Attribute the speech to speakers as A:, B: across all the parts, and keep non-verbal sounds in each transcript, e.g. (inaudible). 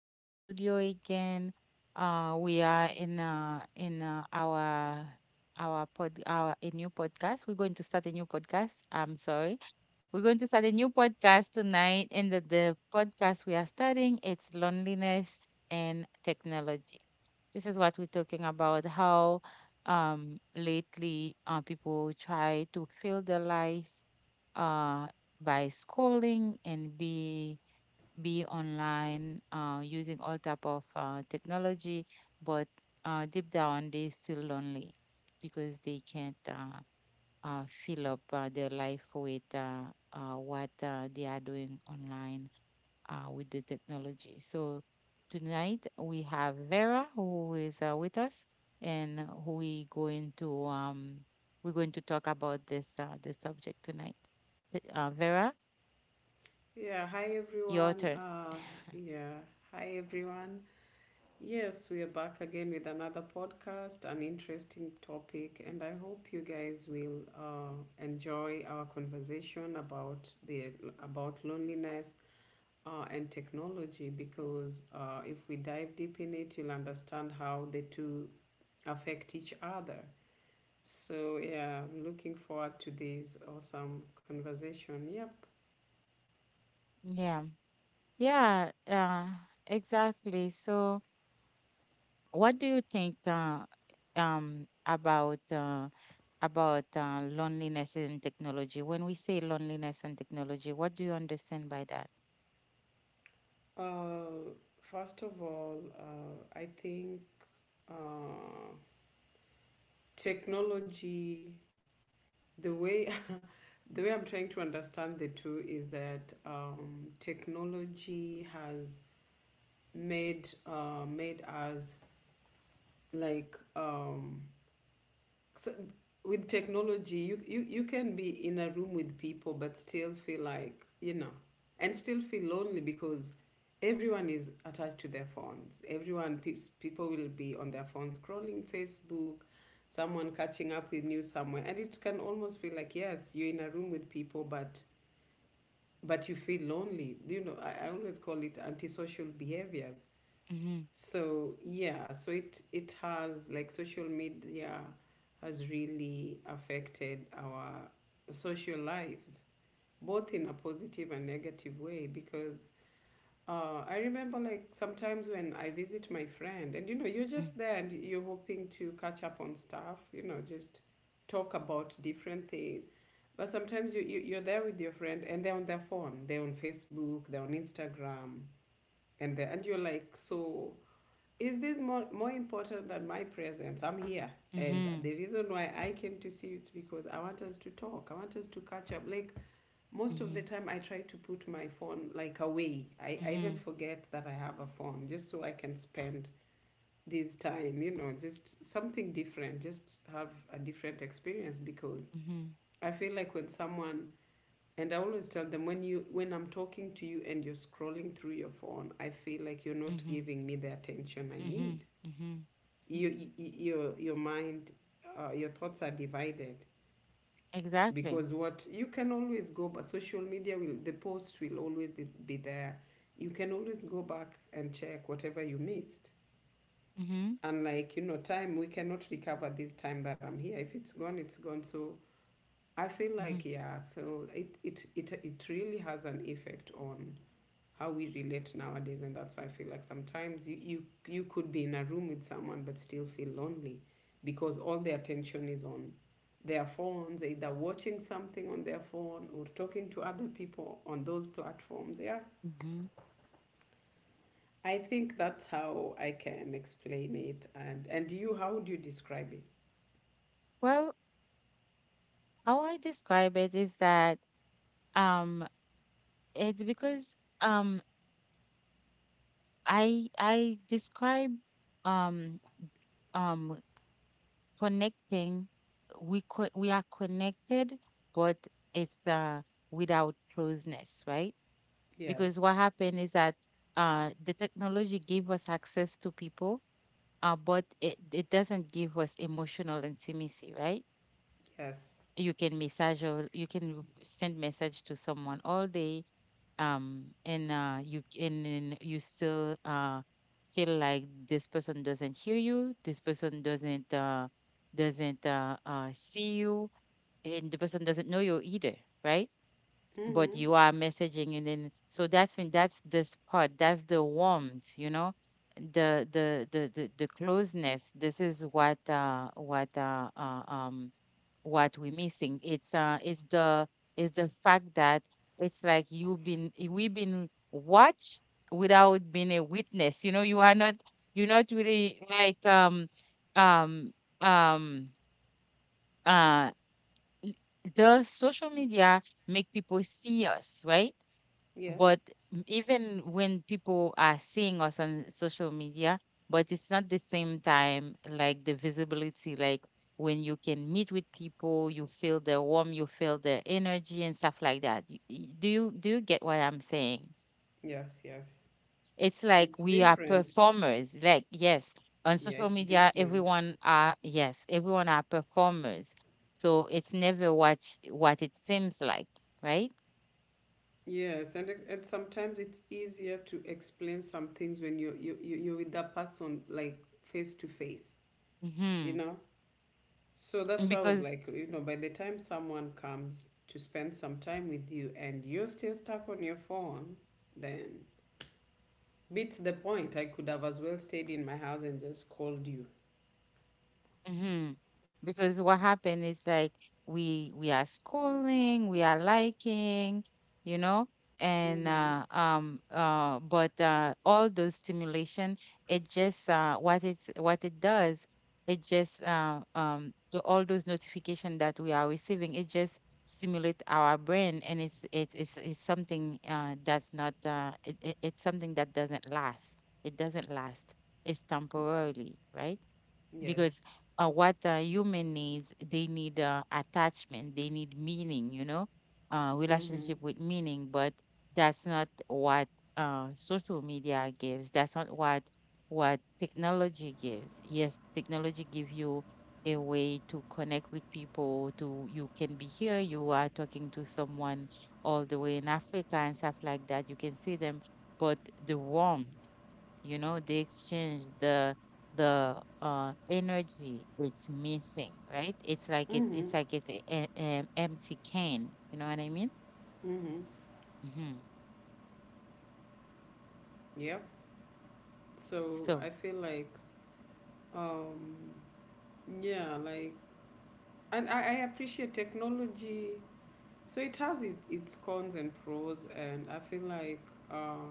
A: studio again. We are in our pod our a new podcast. We're going to start a new podcast. I'm sorry. We're going to start a new podcast tonight, and the podcast we are starting, it's loneliness and technology. This is what we're talking about. How lately people try to fill their life uh by scrolling and be online, using all type of technology, but deep down they still lonely because they can't fill up their life with what they are doing online with the technology. So tonight we have Vera who is with us, and who we going to we're going to talk about this this subject tonight. Vera,
B: Yeah, hi
A: your
B: everyone.
A: turn.
B: Yeah, hi everyone. Yes, we are back again with another podcast, an interesting topic, and I hope you guys will enjoy our conversation about the about loneliness and technology because if we dive deep in it, you'll understand how the two affect each other. So yeah, I'm looking forward to this awesome conversation. Yep.
A: Yeah. Yeah, exactly. So, what do you think about about loneliness and technology? When we say loneliness and technology, what do you understand by that?
B: Uh, first of all, I think uh, technology. The way, (laughs) the way I'm trying to understand the two is that technology has made us like so with technology you can be in a room with people but still feel like, and still feel lonely because everyone is attached to their phones, everyone peeps, people will be on their phones scrolling Facebook, someone catching up with news somewhere, and it can almost feel like, yes, you're in a room with people, but you feel lonely, I always call it antisocial behaviors.
A: Mm-hmm.
B: So yeah, so it has, like, social media has really affected our social lives, both in a positive and negative way. Because I remember, like, sometimes when I visit my friend, and you know, you're just there and you're hoping to catch up on stuff, you know, just talk about different things. But sometimes you're there with your friend and they're on their phone, they're on Facebook, they're on Instagram, and you're like, so is this more important than my presence? I'm here. And
A: Mm-hmm.
B: the reason why I came to see you is because I want us to talk. I want us to catch up. Like, most of the
A: Mm-hmm.
B: time, I try to put my phone like away. I even
A: Mm-hmm.
B: forget that I have a phone just so I can spend this time, you know, just something different, just have a different experience, because
A: Mm-hmm.
B: I feel like when someone, and I always tell them, when you when I'm talking to you and you're scrolling through your phone, I feel like you're not
A: Mm-hmm.
B: giving me the attention I
A: Mm-hmm.
B: need.
A: Mm-hmm.
B: Your your mind, your thoughts are divided,
A: Exactly.
B: because what, you can always go, but social media will, the post will always be there, you can always go back and check whatever you missed.
A: Mm-hmm.
B: And like, you know, time, we cannot recover this time that I'm here, if it's gone, it's gone. So I feel
A: Mm-hmm.
B: like, yeah, so it really has an effect on how we relate nowadays, and that's why I feel like sometimes you could be in a room with someone but still feel lonely because all the attention is on their phones, either watching something on their phone or talking to other people on those platforms, yeah.
A: Mm-hmm.
B: I think that's how I can explain it. And you, how would you describe it?
A: Well, how I describe it is that um, it's because. Um, I describe um um connecting, we are connected, but it's without closeness, right? Because
B: Yes,
A: what happened is that the technology gave us access to people, but it doesn't give us emotional intimacy, right?
B: yes.
A: You can message, or you can send message to someone all day, and you and you still feel like this person doesn't hear you, this person doesn't see you, and the person doesn't know you either, right? But
B: Mm-hmm.
A: you are messaging, and then so that's this part, that's the warmth, you know, the closeness. This is what what we're missing. It's it's the fact that it's like you've been we've been watched without being a witness. You know, you are not, you're not really like um um uh the social media make people see us, right? But
B: Yes,
A: even when people are seeing us on social media, but it's not the same time, like the visibility, like when you can meet with people you feel the warmth, you feel the energy and stuff like that. Do you do you get what I'm saying?
B: yes. Yes,
A: It's like
B: it's
A: we are
B: different.
A: performers, like yes, on
B: Yeah,
A: social
B: it's
A: media
B: different.
A: everyone are, yes, everyone are performers. So it's never what, what it seems like, right?
B: Yes, and and sometimes it's easier to explain some things when you're with that person, like, face to face, you
A: Hmm.
B: know. So that's why I was
A: Because,
B: like, you know, by the time someone comes to spend some time with you and you're still stuck on your phone, then beats the point. I could have as well stayed in my house and just called you.
A: hmm. Because what happened is like we are scrolling, we are liking, you know, and
B: Mm-hmm.
A: but all those stimulation, it just what it does, it just all those notification that we are receiving, it just stimulate our brain, and it's something that's not it's something that doesn't last. It doesn't last. It's temporarily, right?
B: Yes.
A: Because what human needs, they need attachment, they need meaning, you know,
B: Mm-hmm.
A: relationship with meaning, but that's not what social media gives, that's not what what technology gives. Yes, technology give you a way to connect with people. To You can be here, you are talking to someone all the way in Africa and stuff like that, you can see them, but the warmth, you know, the exchange, the energy, it's missing, right? It's like it,
B: Mm-hmm.
A: it's like it's an empty can, you know what I mean?
B: Mm-hmm.
A: Hmm.
B: Yep. So I
A: So,
B: feel like, um, yeah, like, and I appreciate technology. So it has its cons and pros, and I feel like, uh,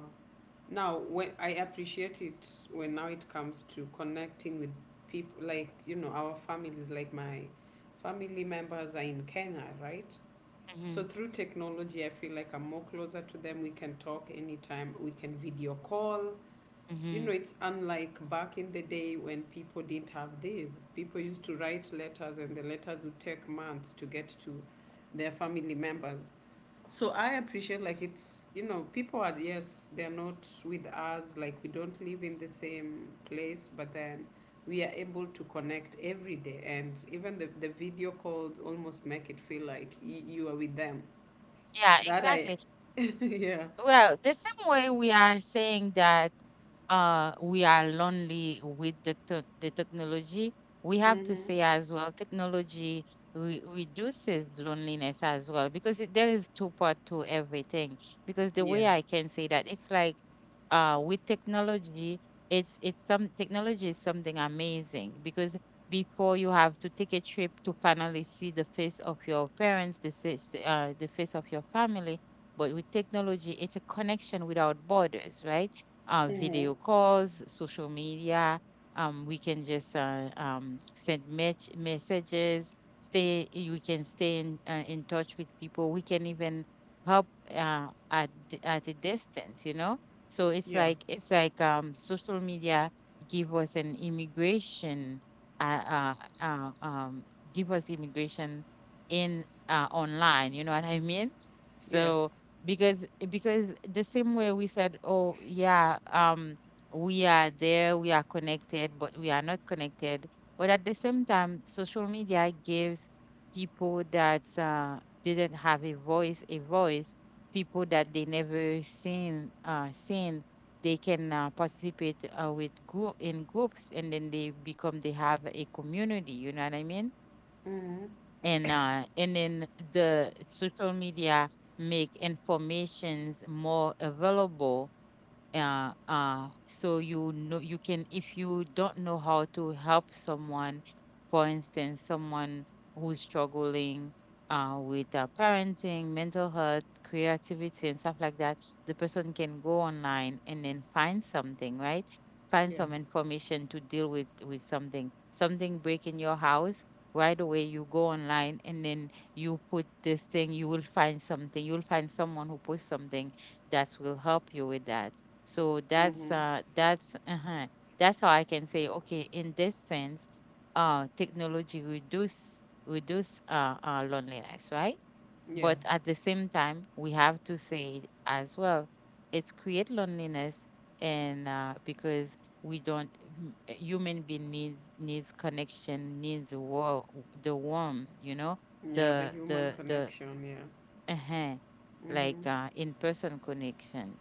B: now when I appreciate it, when now it comes to connecting with people, like, you know, our families, like my family members are in Kenya, right?
A: hmm,
B: So through technology, I feel like I'm more closer to them. We can talk anytime. We can video call. You
A: hmm,
B: know, it's unlike back in the day when people didn't have these. People used to write letters, and the letters would take months to get to their family members. So I appreciate, like, it's, you know, people are, yes, they're not with us, like, we don't live in the same place, but then we are able to connect every day. And even the video calls almost make it feel like you are with them.
A: yeah,
B: That I,
A: exactly.
B: (laughs) yeah.
A: Well, the same way we are saying that we are lonely with the technology, we have to
B: Mm-hmm.
A: say as well, technology reduces loneliness as well, because it, there is two part to everything. Because the way I
B: Yes.
A: can say that, it's like with technology, it's some technology is something amazing, because before you have to take a trip to finally see the face of your parents, the face of your family. But with technology, it's a connection without borders, right?
B: Mm-hmm.
A: Video calls, social media. We can just send messages. Stay. We can stay in touch with people. We can even help at at a distance. You know. So
B: Yeah.
A: it's like social media give us an immigration. Uh, uh, uh, um, give us immigration in online. You know what I mean?
B: Yes.
A: So, because the same way we said, oh yeah, we are there, we are connected, but we are not connected, but at the same time social media gives people that didn't have a voice, a voice. People that they never seen, seen, they can participate with group, in groups, and then they become, they have a community, you know what I mean.
B: Mm-hmm.
A: And and then the social media make informations more available, so you know you can, if you don't know how to help someone, for instance, someone who's struggling with parenting, mental health, creativity, and stuff like that, the person can go online and then find something, right? Find some
B: Yes.
A: information to deal with something, something break in your house, right away you go online and then you put this thing, you will find something, you will find someone who posts something that will help you with that. So that's
B: Mm-hmm.
A: That's how I can say, okay, in this sense, technology reduce, reduce loneliness, right? But
B: Yes.
A: at the same time, we have to say as well, it's create loneliness, and because we don't a human being needs, needs connection, needs war the warm, you know,
B: Yeah, the human
A: the
B: connection, yeah.
A: uh-huh,
B: Mm-hmm.
A: like in person connection,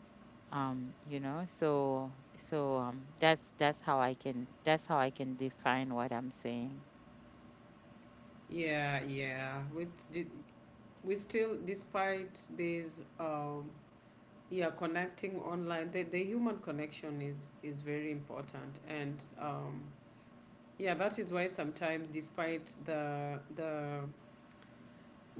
A: you know. So so that's how I can, that's how I can define what I'm saying.
B: Yeah, yeah. We still, despite these, yeah, connecting online, the human connection is very important. And yeah, that is why sometimes, despite the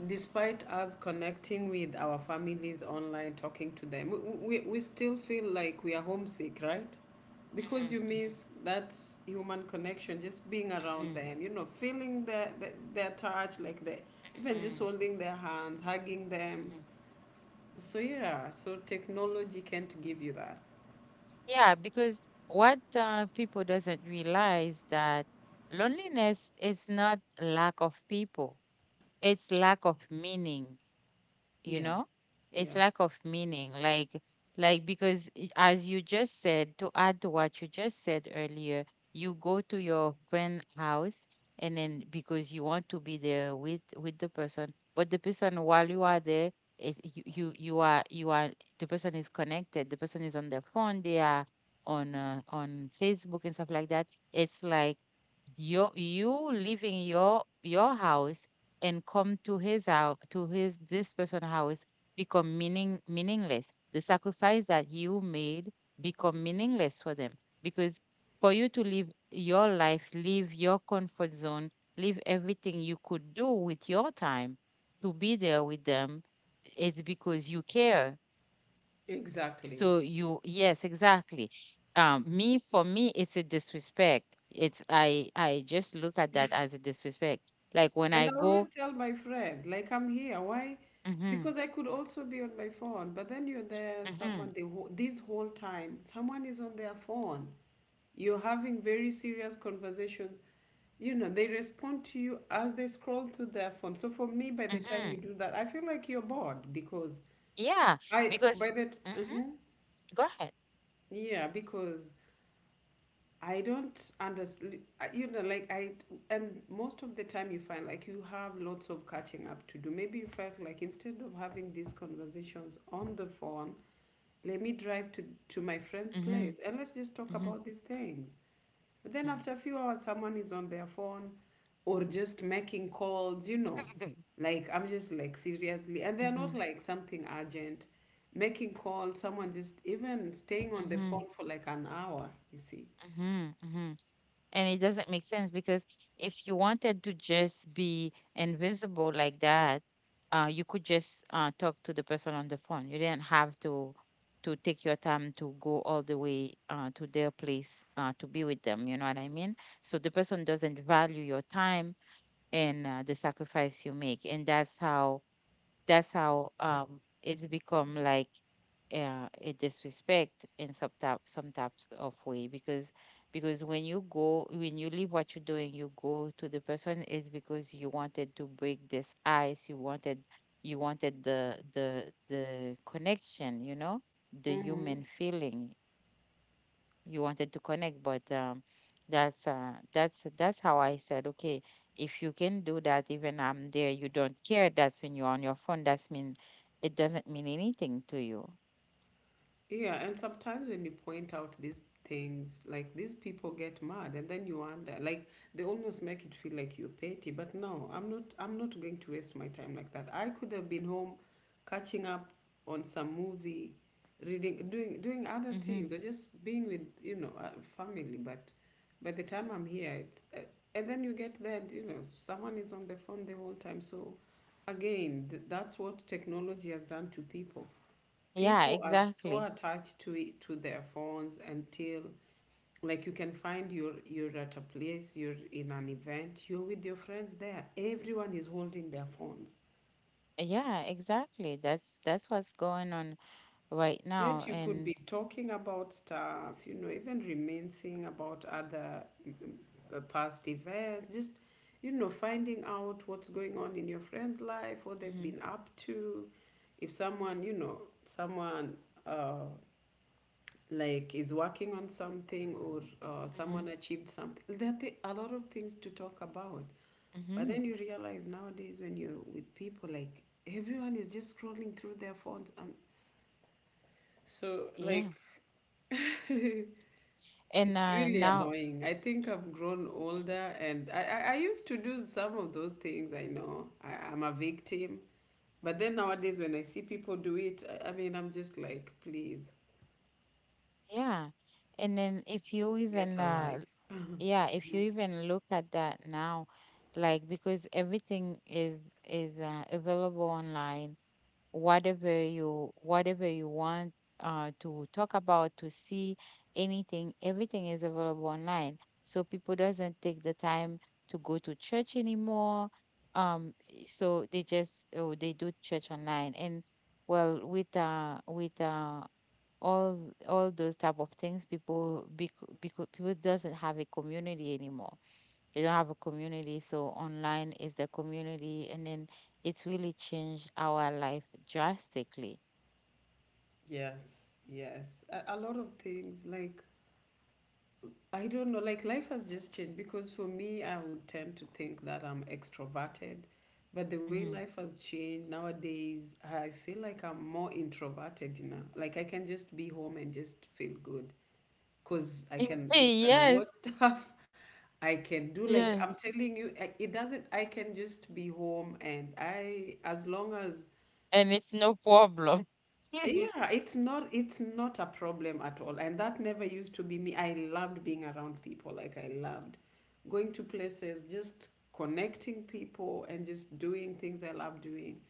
B: despite us connecting with our families online, talking to them, we still feel like we are homesick, right? Because you
A: Mhm, mhm,
B: miss that human connection, just being around
A: mhm,
B: them, you know, feeling their touch, like the, even just
A: mhm,
B: holding their hands, hugging them.
A: mhm.
B: So yeah, so technology can't give you that.
A: Yeah, because what people doesn't realize that loneliness is not lack of people, it's lack of meaning, you
B: Yes.
A: know, it's
B: Yes.
A: lack of meaning. Like because as you just said, to add to what you just said earlier, you go to your friend house, and then because you want to be there with the person, but the person while you are there is you you, you are the person is connected, the person is on their phone, they are on Facebook and stuff like that. It's like you leaving your house and come to his house, to his, this person's house, become meaningless. The sacrifice that you made become meaningless for them. Because for you to live your life, leave your comfort zone, leave everything you could do with your time, to be there with them, it's because you care.
B: Exactly.
A: So you, yes exactly, me for me it's a disrespect, it's, I just look at that as a disrespect. Like when
B: And
A: I
B: I
A: go.
B: always tell my friend, like, I'm here. Why?
A: Mhm.
B: Because I could also be on my phone. But then you're there,
A: Mm-hmm.
B: someone, this whole time, someone is on their phone. You're having very serious conversation. You know, they respond to you as they scroll through their phone. So for me, by the time
A: Mm-hmm.
B: you do that, I feel like you're bored because
A: Yeah,
B: I,
A: because
B: by that, uh
A: mm-hmm. Go ahead.
B: Yeah, because I don't understand, you know, like, I, and most of the time you find like you have lots of catching up to do. Maybe you felt like, instead of having these conversations on the phone, let me drive to my friend's
A: Mm-hmm.
B: place, and let's just talk
A: Mm-hmm.
B: about these things. But then after a few hours, someone is on their phone or just making calls, you know.
A: Mm-hmm.
B: Like, I'm just like, seriously. And they're not
A: Mm-hmm.
B: like something urgent. Making calls, someone just even staying on the
A: Mm-hmm.
B: phone for like an hour, you see.
A: Mm-hmm. And it doesn't make sense because if you wanted to just be invisible like that, you could just talk to the person on the phone. You didn't have to take your time to go all the way to their place to be with them. You know what I mean? So the person doesn't value your time and the sacrifice you make, and that's how, that's how it's become like a disrespect in some type, some types of way, because when you go, when you leave what you're doing, you go to the person, is because you wanted to break this ice, you wanted, you wanted the connection, you know, the
B: Mm-hmm.
A: human feeling, you wanted to connect. But that's that's how I said, okay, if you can do that, even I'm there you don't care, that's when you're on your phone, that's mean it doesn't mean anything to you.
B: Yeah, and sometimes when you point out these things, like, these people get mad, and then you wonder, like, they almost make it feel like you're petty. But no, I'm not. I'm not going to waste my time like that. I could have been home, catching up on some movie, reading, doing other
A: Mm-hmm.
B: things, or just being with, family. But by the time I'm here, it's and then you get there, and, you know, someone is on the phone the whole time. So again, that's what technology has done to people.
A: Yeah,
B: People are so
A: exactly.
B: attached to it, to their phones, until, like, you can find you're at a place, you're in an event, you're with your friends there. Everyone is holding their phones.
A: Yeah, exactly, that's what's going on right now,
B: Yet you could
A: and.
B: be talking about stuff, you know, even reminiscing about other, past events, just, you know, finding out what's going on in your friend's life, what they've
A: Mm-hmm.
B: been up to. If someone, you know, someone, uh, like, is working on something, or
A: Mm-hmm.
B: someone achieved something. There are a lot of things to talk about.
A: Mm-hmm.
B: But
A: Hmm.
B: then you realize, nowadays, when you're with people, like, everyone is just scrolling through their phones. So
A: Yeah.
B: like, (laughs) it's
A: And
B: really
A: now,
B: annoying. I think I've grown older, and I used to do some of those things. I know I'm a victim. But then nowadays when I see people do it, I mean, I'm just like, please
A: yeah. And then if you
B: get
A: even
B: a life. (laughs)
A: yeah, if you even look at that now, like, because everything is available online, whatever you, whatever you want to talk about, to see, anything, everything is available online. So people doesn't take the time to go to church anymore, so they just, oh, they do church online. And, well, with all those type of things people, because people doesn't have a community anymore, they don't have a community, so online is the community. And then it's really changed our life drastically.
B: Yes, yes. A lot of things, like, I don't know, like, life has just changed, because for me, I would tend to think that I'm extroverted, but the way
A: Hmm.
B: life has changed nowadays, I feel like I'm more introverted, you know. Like I can just be home and just feel good because I
A: (laughs)
B: can even watch
A: Yes,
B: (laughs) stuff. I can do, like, I'm
A: yes.
B: telling you, it doesn't, I can just be home and I, as long as.
A: And it's no problem. (laughs)
B: Yeah, it's not, it's not a problem at all. And that never used to be me. I loved being around people. Like, I loved going to places, just connecting people and just doing things I love doing.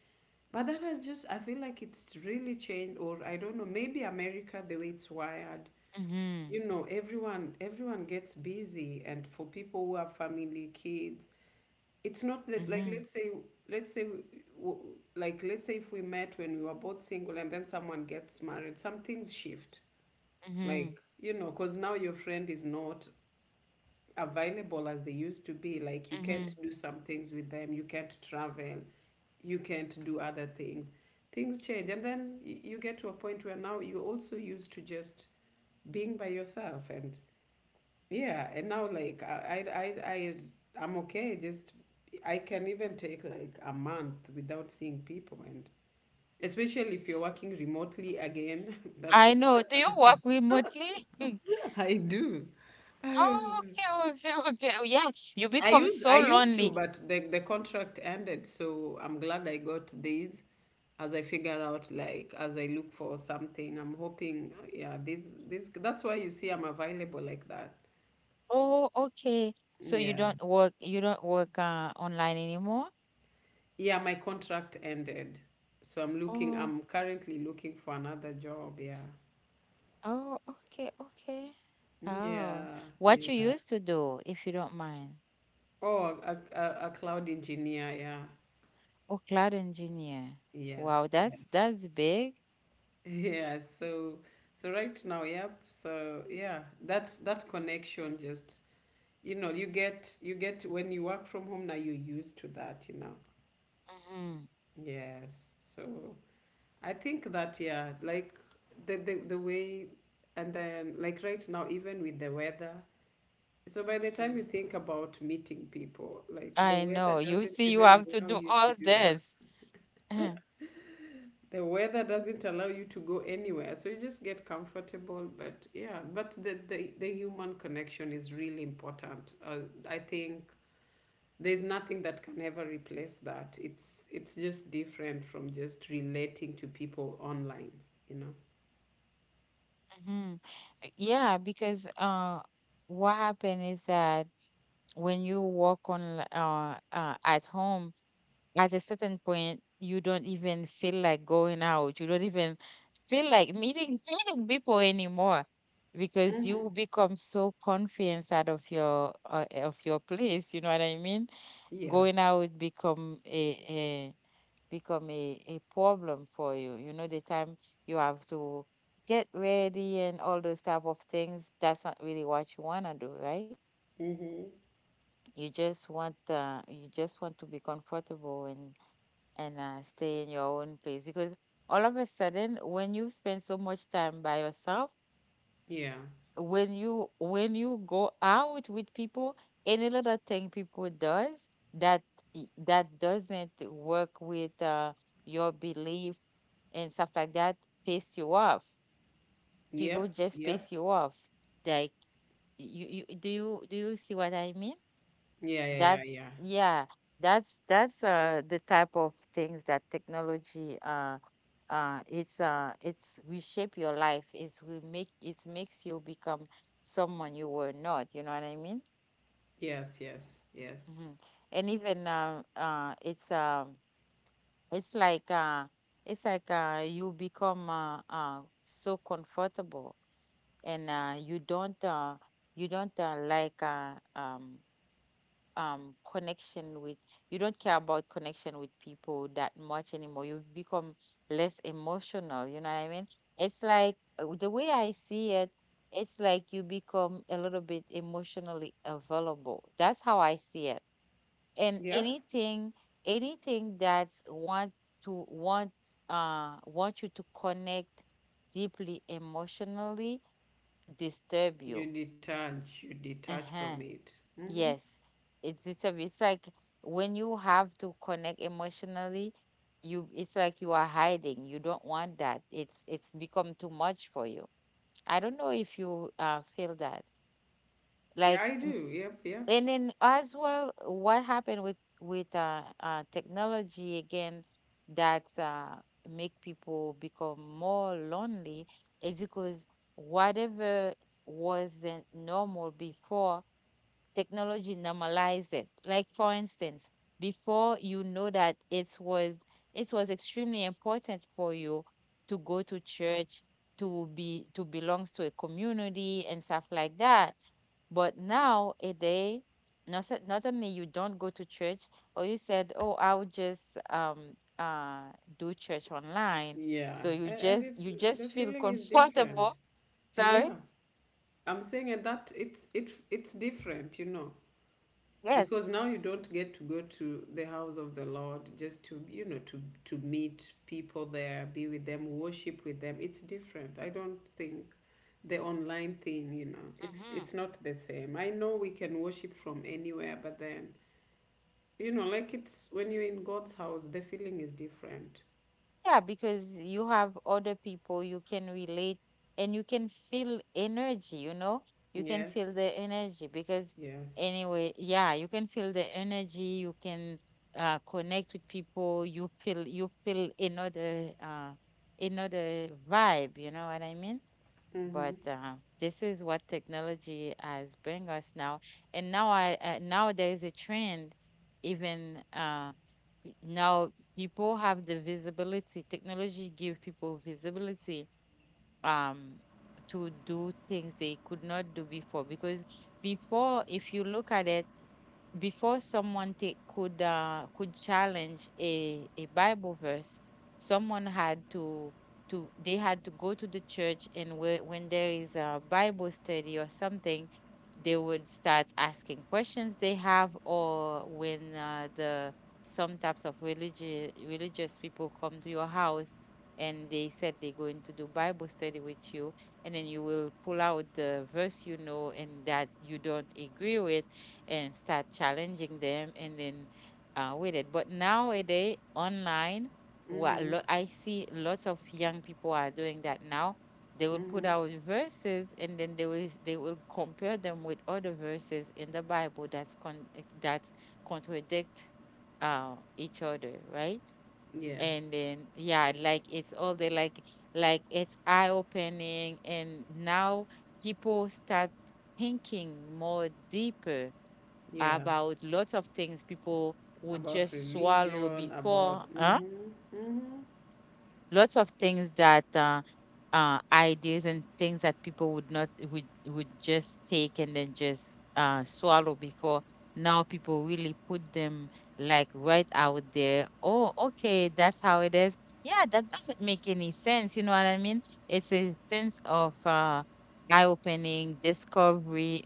B: But that has just, I feel like it's really changed, or I don't know, maybe America, the way it's wired.
A: Hmm,
B: You know, everyone gets busy, and for people who have family, kids, it's not that, like,
A: hmm,
B: let's say, let's say w- like, let's say if we met when we were both single and then someone gets married, some things shift, like,
A: hmm,
B: you know, because now your friend is not available as they used to be, like, you can't
A: hmm.
B: do some things with them, you can't travel, you can't do other things, things change, and then you get to a point where now you're also used to just being by yourself, and yeah, and now, like, I'm okay. Just I can even take like a month without seeing people, and especially if you're working remotely again, (laughs) that's
A: I know.
B: that's
A: Do you
B: another.
A: work remotely? (laughs)
B: (laughs) I do. (sighs)
A: Oh,
B: Um,
A: okay, okay, okay. Yeah, you become
B: I
A: so
B: used to,
A: lonely.
B: but the contract ended, so I'm glad I got these. As I figure out, like as I look for something, I'm hoping, yeah, this that's why you see I'm available like that.
A: Oh, okay. So you
B: Yeah.
A: don't work you don't work online anymore?
B: Yeah, my contract ended. So I'm looking,
A: Oh,
B: I'm currently looking for another job. Yeah.
A: oh, okay, okay. Oh,
B: Yeah.
A: what you
B: Yeah.
A: used to do, if you don't mind.
B: Oh, a cloud engineer. Yeah.
A: Oh, cloud engineer. Wow,
B: Yes.
A: that's
B: Yes. (laughs)
A: that's big.
B: Yeah. So, so right now, yep. So yeah, that's that connection just, you get when you work from home now, you're used to that, you know.
A: Hmm
B: Yes. So I think that yeah, like the way, and then like right now even with the weather. So by the time
A: hmm
B: you think about meeting people, like the
A: I
B: weather
A: know. You
B: doesn't
A: see, you
B: even
A: have to
B: allow
A: do
B: you to
A: all
B: do that.
A: this. (clears throat)
B: The weather doesn't allow you to go anywhere. So you just get comfortable. But yeah, but the human connection is really important. I think there's nothing that can ever replace that. It's just different from just relating to people online, you know?
A: hmm Yeah, because what happened is that when you work on at home, at a certain point you don't even feel like going out, you don't even feel like meeting (laughs) meeting people anymore because you become so confident out of your of your place, you know what I mean?
B: Yes.
A: Going out become a problem for you, you know, the time you have to get ready and all those type of things, that's not really what you want to do, right?
B: Mm-hmm.
A: You just want to be comfortable. And. And stay in your own place because all of a sudden when you spend so much time by yourself,
B: Yeah.
A: when you go out with people, any little thing people does that that doesn't work with your belief and stuff like that piss you off. People
B: Yep.
A: just piss
B: Yep.
A: you off, like you do you do you see what I mean?
B: Yeah, yeah, yeah,
A: That's
B: yeah.
A: yeah, that's the type of things that technology it's reshape your life. It makes you become someone you were not, you know what I mean?
B: Yes, yes, yes.
A: Hmm And even it's like uh it's like you become so comfortable. And you don't like connection with you don't care about connection with people that much anymore. You've become less emotional, you know what I mean? It's like the way I see it, it's like you become a little bit emotionally available, that's how I see it. And
B: Yeah.
A: anything that's to want want you to connect deeply emotionally disturb you.
B: You detach from
A: Uh-huh.
B: it. Hmm.
A: Yes, it's like when you have to connect emotionally, you, it's like you are hiding. You don't want that. It's become too much for you. I don't know if you feel that.
B: Yeah,
A: Like
B: I do. Yep, yep.
A: and then as well, what happened with technology again, that make people become more lonely is because whatever wasn't normal before, technology normalize it. Like for instance, before you know that it was extremely important for you to go to church, to be to belongs to a community and stuff like that. But now a day, not, not only you don't go to church, or you said, oh, I'll just do church online.
B: Yeah,
A: So you
B: and
A: just
B: it's the
A: feel (laughs)
B: feeling is
A: comfortable.
B: different. (laughs)
A: Sorry.
B: Yeah, I'm saying, and that it's it's different, you know,
A: Yes.
B: because now you don't get to go to the house of the Lord just to, you know, to meet people there, be with them, worship with them. It's different. I don't think the online thing, you know, it's
A: hmm
B: it's not the same. I know we can worship from anywhere, but then you know, like, it's when you're in God's house the feeling is different.
A: Yeah, because you have other people you can relate, and you can feel energy, you know? You can feel
B: Yes.
A: the energy because,
B: Yes.
A: anyway, yeah, you can feel the energy, you can connect with people, you feel another another vibe, you know what I mean?
B: Mm-hmm.
A: But this is what technology has bring us now. And now I now there is a trend. Even now people have the visibility. Technology give people visibility um to do things they could not do before. Because before, if you look at it, before someone take, could challenge a Bible verse, someone had to they had to go to the church. And when there is a Bible study or something, they would start asking questions they have. Or when the some types of religious people come to your house and they said they're going to do Bible study with you, and then you will pull out the verse, you know, and that you don't agree with, and start challenging them, and then with it. But nowadays, online,
B: Mm-hmm.
A: I see lots of young people are doing that now. They will put
B: Mm-hmm.
A: out verses, and then they will compare them with other verses in the Bible that contradict each other, right?
B: Yes.
A: And then yeah, like it's all they like it's eye opening, and now people start thinking more deeper
B: Yeah,
A: about lots of things people would
B: about
A: just swallow
B: religion, about.
A: before. Huh?
B: Mm-hmm. Mm-hmm.
A: Lots of things that ideas and things that people would not would would just take, and then just swallow before. Now people really put them like right out there. Oh, okay, that's how it is. Yeah, that doesn't make any sense. You know what I mean? It's a sense of eye-opening discovery,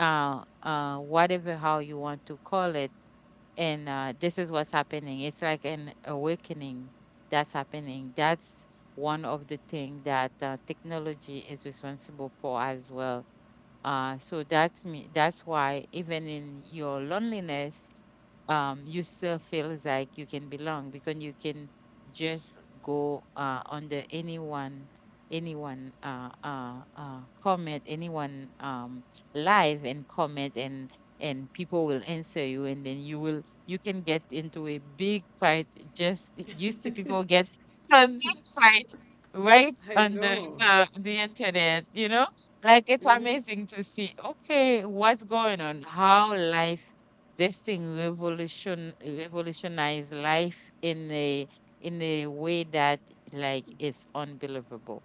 A: whatever how you want to call it. And this is what's happening, it's like an awakening that's happening. That's one of the thing that technology is responsible for as well. So that's why even in your loneliness, you still feels like you can belong because you can just go under anyone, comment, anyone live and comment, and people will answer you, and then you can get into a big fight. Just, you see people get into a big fight right
B: I
A: on
B: know.
A: the internet, you know. Like it's
B: Mm-hmm.
A: amazing to see, okay, what's going on, how life, this thing revolutionized life in a way that, like, it's unbelievable.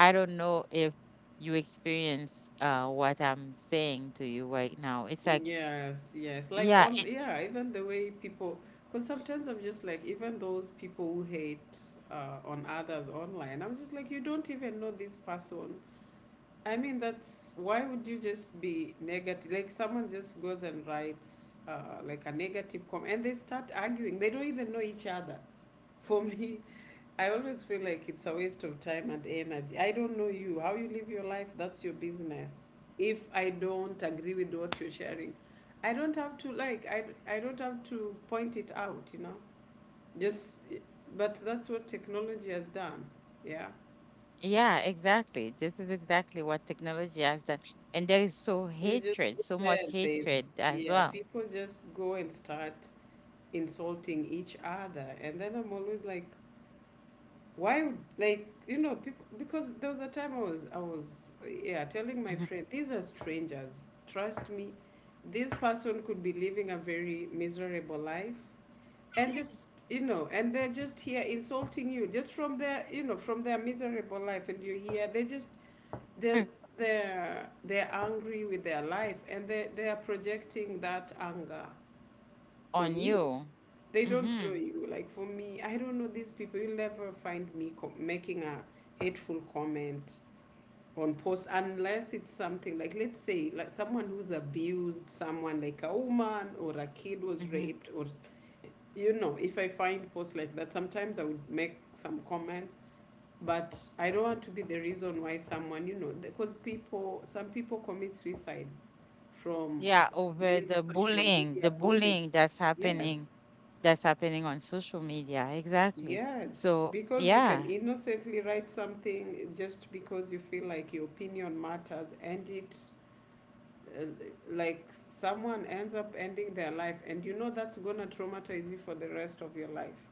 A: I don't know if you experience what I'm saying to you right now. It's like,
B: Yes, yes, like
A: yeah,
B: on, yeah, even the way people, because sometimes I'm just like, even those people who hate on others online, I'm just like, you don't even know this person. I mean, that's why would you just be negative? Like someone just goes and writes like a negative comment, and they start arguing. They don't even know each other. (laughs) For me, I always feel like it's a waste of time and energy. I don't know you. How you live your life, that's your business. If I don't agree with what you're sharing, I don't have to like. I don't have to point it out. You know, just. But that's what technology has done. Yeah.
A: yeah, exactly. This is exactly what technology has done, and there is
B: You just go
A: so
B: there
A: much
B: and there's,
A: hatred as
B: yeah,
A: well.
B: people just go and start insulting each other. And then I'm always like, why, like, you know, people, because there was a time yeah, telling my
A: Mhm,
B: friend, these are strangers. Trust me, this person could be living a very miserable life. And just, you know, and they're just here insulting you just from their, you know, from their miserable life. And you hear, they just they're they're angry with their life and they are projecting that anger
A: on
B: on you.
A: you.
B: They don't
A: Hmm
B: know you. Like for me, I don't know these people. You'll never find me making a hateful comment on post unless it's something like, let's say, like someone who's abused someone, like a woman or a kid was
A: hmm
B: raped, or you know, if I find posts like that, sometimes I would make some comments. But I don't want to be the reason why someone, you know, because people, some people commit suicide from
A: Yeah, over
B: this social
A: the
B: media bullying.
A: bullying that's happening,
B: Yes,
A: that's happening on social media. Exactly.
B: yes,
A: So,
B: because you can
A: yeah,
B: innocently write something just because you feel like your opinion matters, and it, uh, like someone ends up ending their life, and you know that's gonna traumatize you for the rest of your life.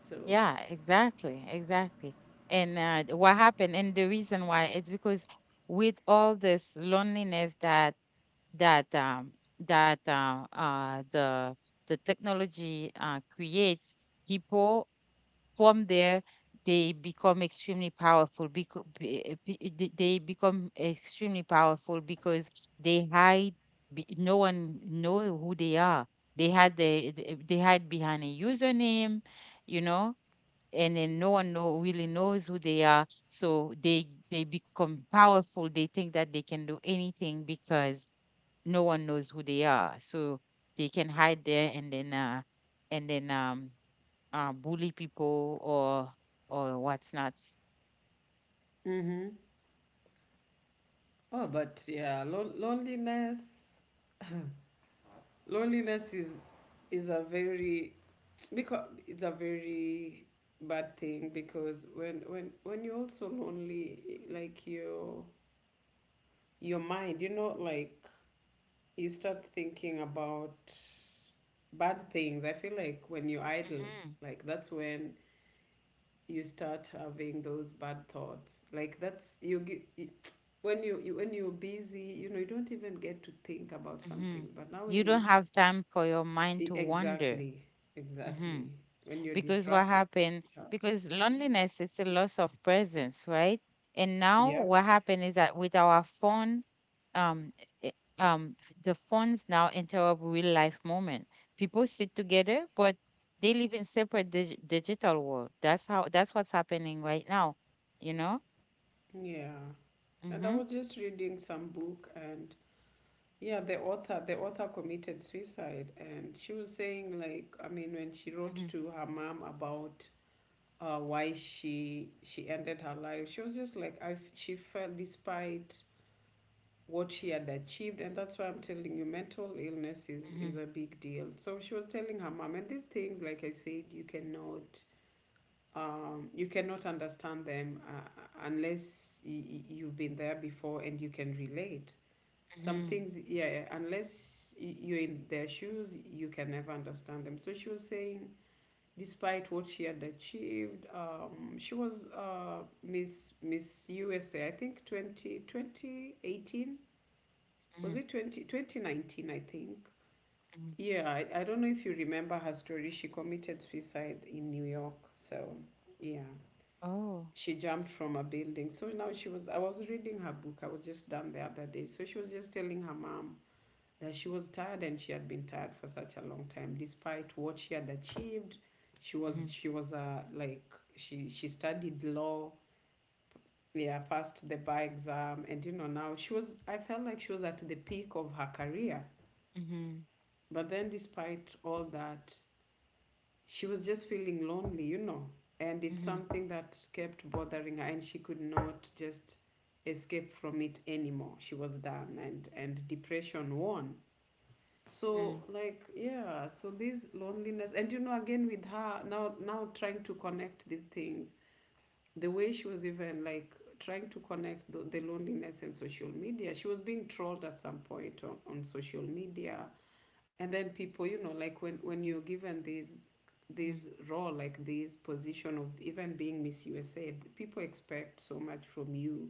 B: So,
A: yeah, exactly, exactly. And what happened, and the reason why, it's because with all this loneliness that that um the technology creates, people, from there, they become extremely powerful. Because they hide. No one know who they are. They had the- eh, they hide behind a username, you know, and then no one know really knows who they are, so they become powerful. They think that they can do anything because no one knows who they are, so they can hide there, and then and then um bully people, or whatnot.
B: mm-hmm. Oh, but yeah, loneliness. (sighs) Loneliness is a very, because it's a very bad thing, because when you're also lonely, like your mind, you know, like you start thinking about bad things. I feel like when you're idle,
A: Hmm
B: like that's when you start having those bad thoughts. Like that's when you, when you're busy, you know, you don't even get to think about some
A: hmm
B: things. But now
A: You
B: when
A: don't
B: you.
A: have time for your mind to wander.
B: Exactly,
A: Hmm
B: exactly. When you're
A: Because what
B: distracted,
A: happened?
B: yeah.
A: Because loneliness is a loss of presence, right? And now
B: Yep.
A: what happened is that with our phone, um, eh, um, the phones now interrupt real life moment. People sit together, but they live in separate digital world. That's how. That's what's happening right now. You know.
B: Yeah. And I
A: Hmm
B: was just reading some book, and yeah, the author committed suicide, and she was saying, like, I mean, when she wrote
A: hmm
B: to her mom about, why she ended her life, she was just like, she felt, despite what she had achieved, and that's why I'm telling you mental illness
A: hmm
B: is a big deal. So she was telling her mom and these things, like I said, you cannot understand them, unless you've been there before and you can relate. Some
A: Mhm,
B: things, yeah, unless you're in their shoes, you can never understand them. So she was saying, despite what she had achieved, she was, Miss USA, I think 20 twenty eighteen, was
A: mhm,
B: it 20 twenty nineteen, I think.
A: mhm.
B: Yeah, I don't know if you remember her story. She committed suicide in New York. So, yeah,
A: Oh.
B: she jumped from a building. So now she was, I was reading her book. I was just done the other day. So she was just telling her mom that she was tired and she had been tired for such a long time, despite what she had achieved. She was,
A: Mhm,
B: she was, uh, like, she studied law. Yeah, passed the bar exam. And, you know, now she was, I felt like she was at the peak of her career.
A: mhm,
B: But then, despite all that, she was just feeling lonely, you know, and it's
A: mhm,
B: something that kept bothering her, and she could not just escape from it anymore. She was done, and depression won. So
A: mhm,
B: like, yeah, so this loneliness, and you know, again with her, now trying to connect these things, the way she was even like trying to connect the loneliness and social media. She was being trolled at some point on social media, and then people, you know, like, when you're given these,
A: mhm,
B: this role, like this position of even being Miss USA, people expect so much from you,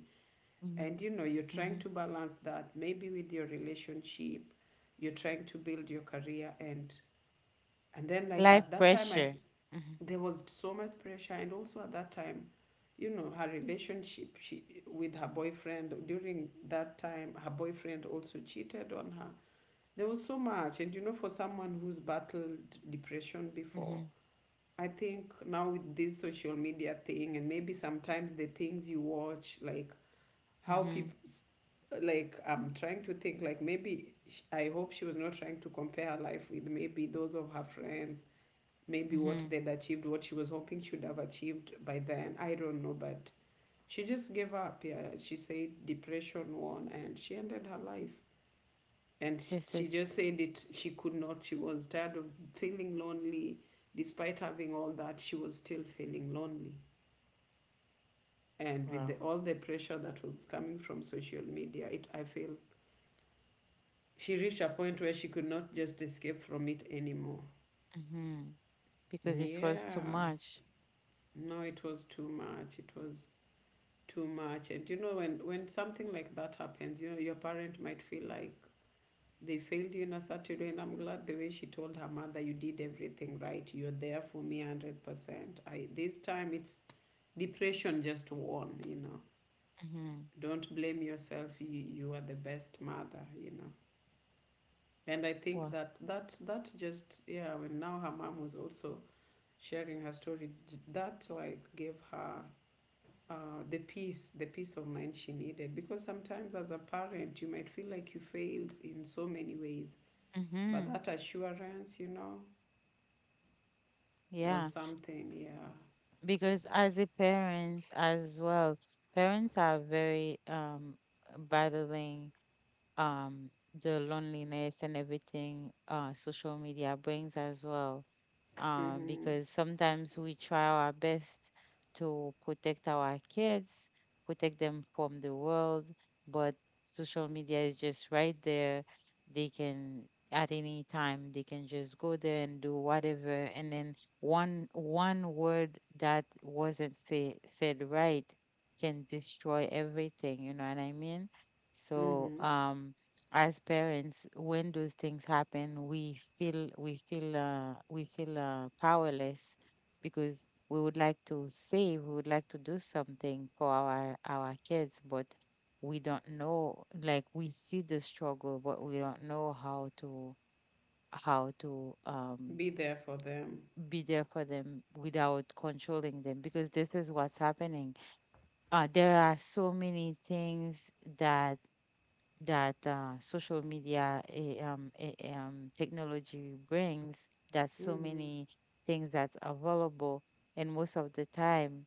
A: mhm,
B: and you know, you're trying
A: mhm.
B: to balance that maybe with your relationship, you're trying to build your career, and then like,
A: Life
B: at that time,
A: pressure. Mhm,
B: there was so much pressure, and also at that time, you know, her relationship, she with her boyfriend, during that time her boyfriend also cheated on her. There was so much, and you know, for someone who's battled depression before,
A: mhm,
B: I think now with this social media thing, and maybe sometimes the things you watch, like how
A: mhm,
B: people, like I'm trying to think, like maybe I hope she was not trying to compare her life with maybe those of her friends, maybe what
A: mhm,
B: they'd achieved, what she was hoping she would have achieved by then. I don't know, but she just gave up. Yeah, she said depression won, and she ended her life, and
A: this
B: she
A: is
B: just said it, she could not, she was tired of feeling lonely. Despite having all that, she was still feeling lonely, and with the,
A: wow.
B: all the pressure that was coming from social media, it, I feel she reached a point where she could not just escape from it anymore.
A: mhm, Because this was too
B: Yeah,
A: much.
B: no, it was too much. It was too much. And you know, when something like that happens, you know, your parent might feel like they failed you in a certain way. And I'm glad the way she told her mother, "You did everything right. You're there for me, 100%." I this time it's depression just won. You know,
A: Mhm,
B: don't blame yourself. You are the best mother. You know, and I think
A: wow.
B: that just yeah. When now her mom was also sharing her story, that like gave her, the peace of mind she needed. Because sometimes, as a parent, you might feel like you failed in so many ways, but
A: Mhm.
B: that assurance, you know, was
A: Yeah,
B: something, yeah.
A: because as a parents as well, parents are very battling um the loneliness and everything social media brings as well.
B: Mm-hmm.
A: Because sometimes we try our best to protect our kids, protect them from the world, but social media is just right there. They can at any time they can just go there and do whatever. And then one word that wasn't said right can destroy everything, you know what I mean? So
B: Mm-hmm.
A: as parents, when those things happen, we feel powerless because we would like to do something for our kids. But we don't know, like, we see the struggle, but we don't know how to, how to um,
B: Be there for them.
A: be there for them without controlling them, because this is what's happening. There are so many things that that social media eh, eh, eh, technology brings, that so
B: Mm-hmm.
A: many things that's available. And most of the time,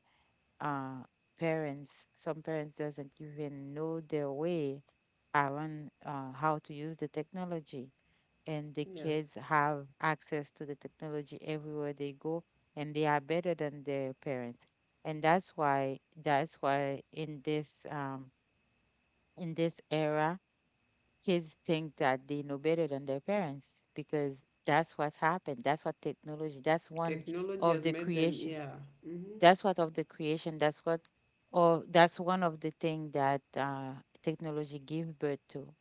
A: uh, parents some parents doesn't even know their way around, how to use the technology. And the
B: Yes.
A: kids have access to the technology everywhere they go, and they are better than their parents. And that's why in this era, kids think that they know better than their parents because that's what happened. That's what technology. That's one
B: Technology
A: of
B: has
A: the
B: made them,
A: creation.
B: yeah. Mm-hmm.
A: That's what of the creation. That's what, or that's one of the thing that technology give birth to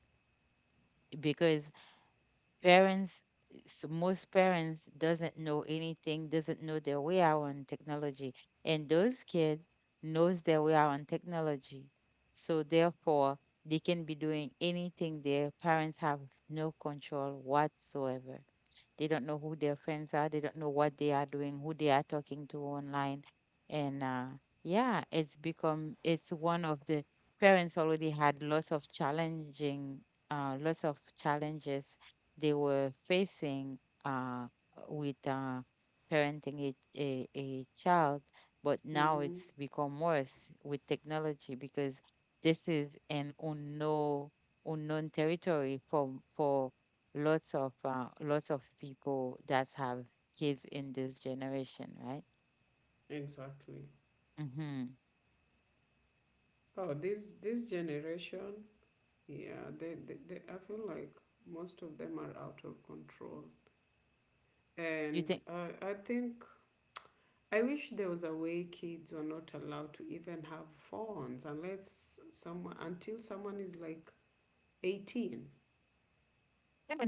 A: because parents, most parents doesn't know anything, doesn't know their way around technology, and those kids knows their way around technology. So therefore, they can be doing anything. Their parents have no control whatsoever. They don't know who their friends are. They don't know what they are doing, who they are talking to online. And yeah, it's become, it's one of the parents already had lots of challenging, lots of challenges they were facing uh, with parenting a child. But now
B: Mm-hmm.
A: it's become worse with technology because this is an unknown territory for lots of people that have kids in this generation, right?
B: Exactly.
A: Hmm.
B: Oh, this generation, yeah, they, I feel like most of them are out of control. And
A: You think
B: I think I wish there was a way kids were not allowed to even have phones unless someone until someone is like 18.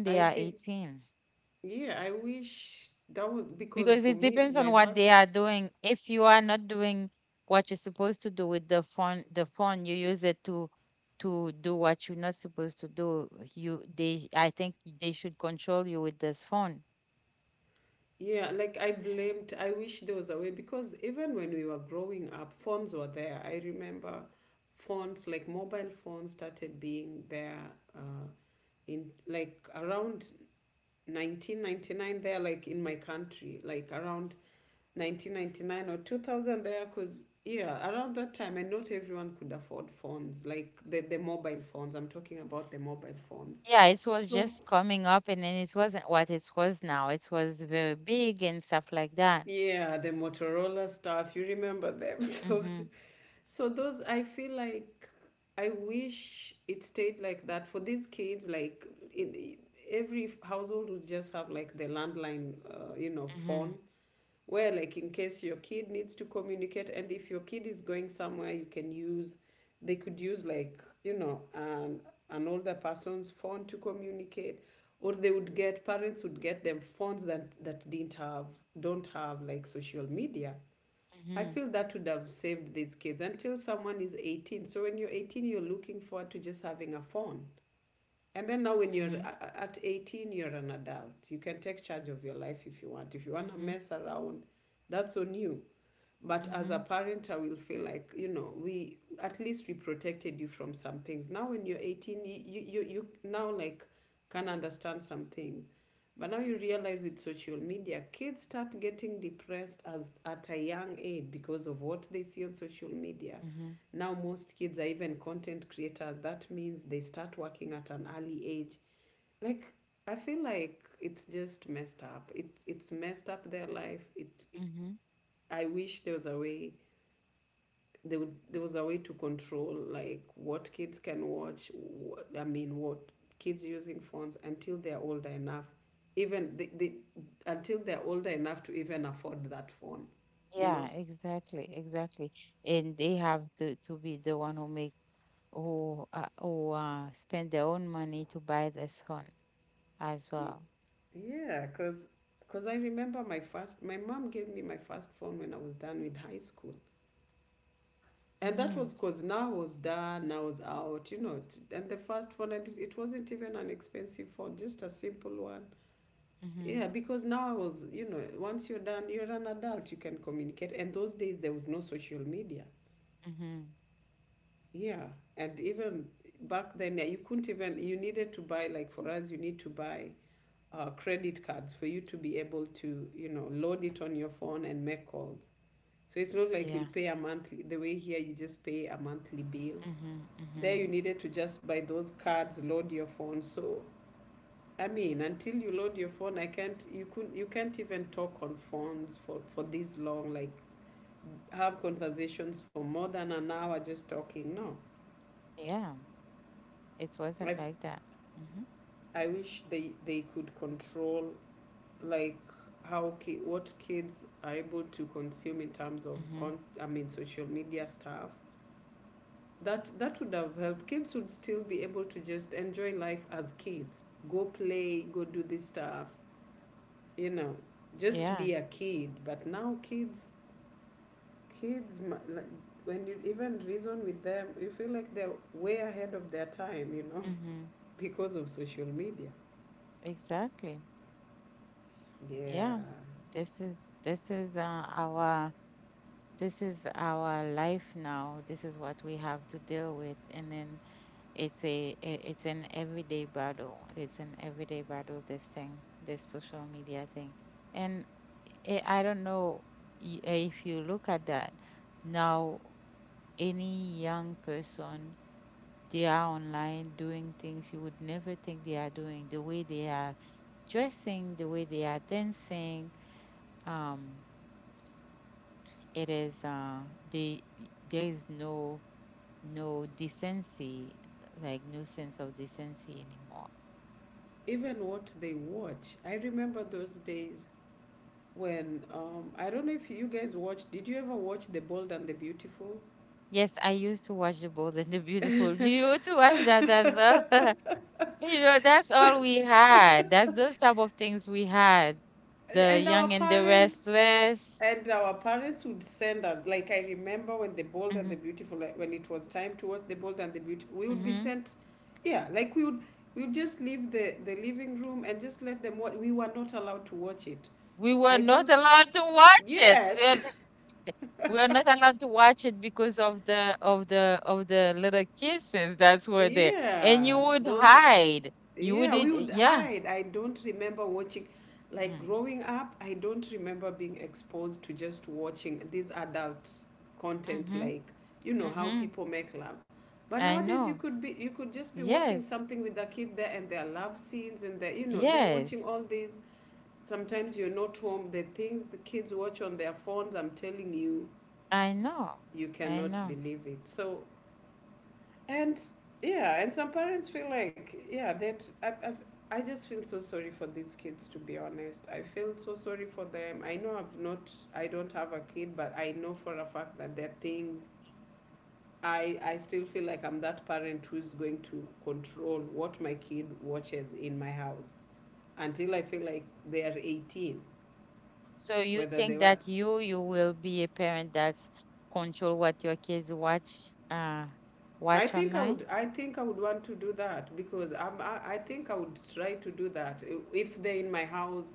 B: I
A: when they are
B: think
A: 18,
B: yeah, I wish that was, because
A: because
B: for
A: it
B: me,
A: depends on
B: my
A: what
B: first,
A: they are doing. If you are not doing what you're supposed to do with the phone you use it to do what you're not supposed to do. You they I think they should control you with this phone.
B: yeah, like I blamed, I wish there was a way, because even when we were growing up, phones were there. I remember phones, like mobile phones, started being there in like around 1999, like in my country, like around 1999 or 2000, because yeah, around that time, and not everyone could afford phones, like the mobile phones. I'm talking about the mobile phones.
A: Yeah, it was
B: So,
A: just coming up, and then it wasn't what it was now. It was very big and stuff like that.
B: yeah, the Motorola stuff, you remember them. (laughs) So,
A: Mm-hmm.
B: so those, I feel like I wish it stayed like that for these kids. Like, in, every household would just have like the landline, you know,
A: Mm-hmm.
B: phone where like in case your kid needs to communicate, and if your kid is going somewhere you can use they could use, like, you know, an older person's phone to communicate, or they would get, parents would get them phones that that didn't have don't have like social media. I
A: Mm-hmm.
B: feel that would have saved these kids until someone is 18, so when you're 18 you're looking forward to just having a phone. And then now, when you're
A: Mhm,
B: at 18, you're an adult. You can take charge of your life if you want. If you want to
A: mhm,
B: mess around, that's on you. But as a
A: mhm,
B: parent, I will feel like, you know, we at least, we protected you from some things. Now when you're 18, now like can understand some things. But now you realize with social media, kids start getting depressed at a young age because of what they see on social media.
A: mhm,
B: Now most kids are even content creators. That means they start working at an early age. Like, I feel like it's just messed up. It's messed up their life. It,
A: mhm.
B: I wish there was a way, there was a way to control like what kids can watch, what, I mean what, kids using phones until they're older enough, even they until they're older enough to even afford that phone, you
A: Yeah,
B: know.
A: exactly, exactly. And they have to be the one who make who spend their own money to buy this phone as
B: Y-
A: well.
B: yeah, because I remember my first, my mom gave me my first phone when I was done with high school. And that
A: Mhm,
B: was because now I was done, I was out, you know. And the first phone, and it wasn't even an expensive phone, just a simple one.
A: mhm,
B: Yeah, because now I was, you know, once you're done, you're an adult, you can communicate. And those days there was no social media.
A: mhm,
B: Yeah. And even back then, yeah, you couldn't even, you needed to buy, like for us, you need to buy credit cards for you to be able to, you know, load it on your phone and make calls. So it's not like you'll
A: yeah,
B: pay a monthly, the way here you just pay a monthly bill.
A: mhm,
B: There
A: mhm,
B: you needed to just buy those cards, load your phone. So I mean, until you load your phone, I can't. You couldn't. You can't even talk on phones for this long. Like, have conversations for more than an hour just talking. No.
A: yeah. It
B: I
A: wasn't like that. Mhm,
B: I wish they could control like what kids are able to consume in terms of
A: mhm,
B: social media stuff. That that would have helped. Kids would still be able to just enjoy life as kids. Go play. Go do this stuff. You know, just
A: yeah,
B: be a kid. But now kids, kids, like, when you even reason with them you feel like they're way ahead of their time, you know.
A: mhm.
B: (laughs) Because of social media,
A: Exactly.
B: yeah.
A: Yeah. This is our this is our life now. This is what we have to deal with. And then it's an everyday battle. It's an everyday battle, this thing, this social media thing. And I don't know if you look at that now, any young person, they are online doing things you would never think they are doing. The way they are dressing, the way they are dancing, um, it is they there is no decency, like no sense of decency anymore.
B: Even what they watch, I remember those days when I don't know if you guys watched, did you ever watch The Bold and the Beautiful?
A: Yes, I used to watch The Bold and the Beautiful. (laughs) You used to watch that as
B: (laughs)
A: well. (laughs) You know, that's all we had. That's those type of things we had. The
B: and our
A: Young and the
B: parents
A: Restless.
B: And our parents would send us, like I remember when The Bold and
A: Hmm.
B: the Beautiful, like when it was time to watch The Bold and the Beautiful, we would be
A: Hmm.
B: sent, yeah, like we would just leave the living room and just let them watch. We were not allowed to watch it.
A: We were
B: I
A: not
B: don't,
A: allowed to watch it. We
B: yes,
A: are (laughs) we are not allowed to watch it because of the little kisses that
B: (laughs)
A: were there, and you
B: yeah,
A: would
B: those,
A: hide. You would,
B: yeah, we would
A: yeah.
B: hide. I don't remember watching, like
A: Mm-hmm.
B: growing up, I don't remember being exposed to just watching this adult content,
A: Mm-hmm.
B: like, you know how
A: Mm-hmm.
B: people make love. But
A: I
B: nowadays, you
A: know.
B: could be, you could just be watching
A: Yes.
B: something with a kid there, and their love scenes, and their, you know, they're
A: Yes.
B: watching all these. Sometimes you're not home. The things the kids watch on their phones, I'm telling you,
A: I know.
B: you
A: I
B: cannot
A: know.
B: believe it. So, and yeah, and some parents feel like, yeah, that I just feel so sorry for these kids, to be honest. I feel so sorry for them. I know I've not, I don't have a kid, but I know for a fact that there are things, I still feel like I'm that parent who's going to control what my kid watches in my house until I feel like they're 18,
A: So you
B: whether they
A: think
B: want.
A: that you will be a parent that's control what your kids watch
B: I
A: watch
B: think I
A: online?
B: would. I think I would want to do that because I think I would try to do that if they're in my house.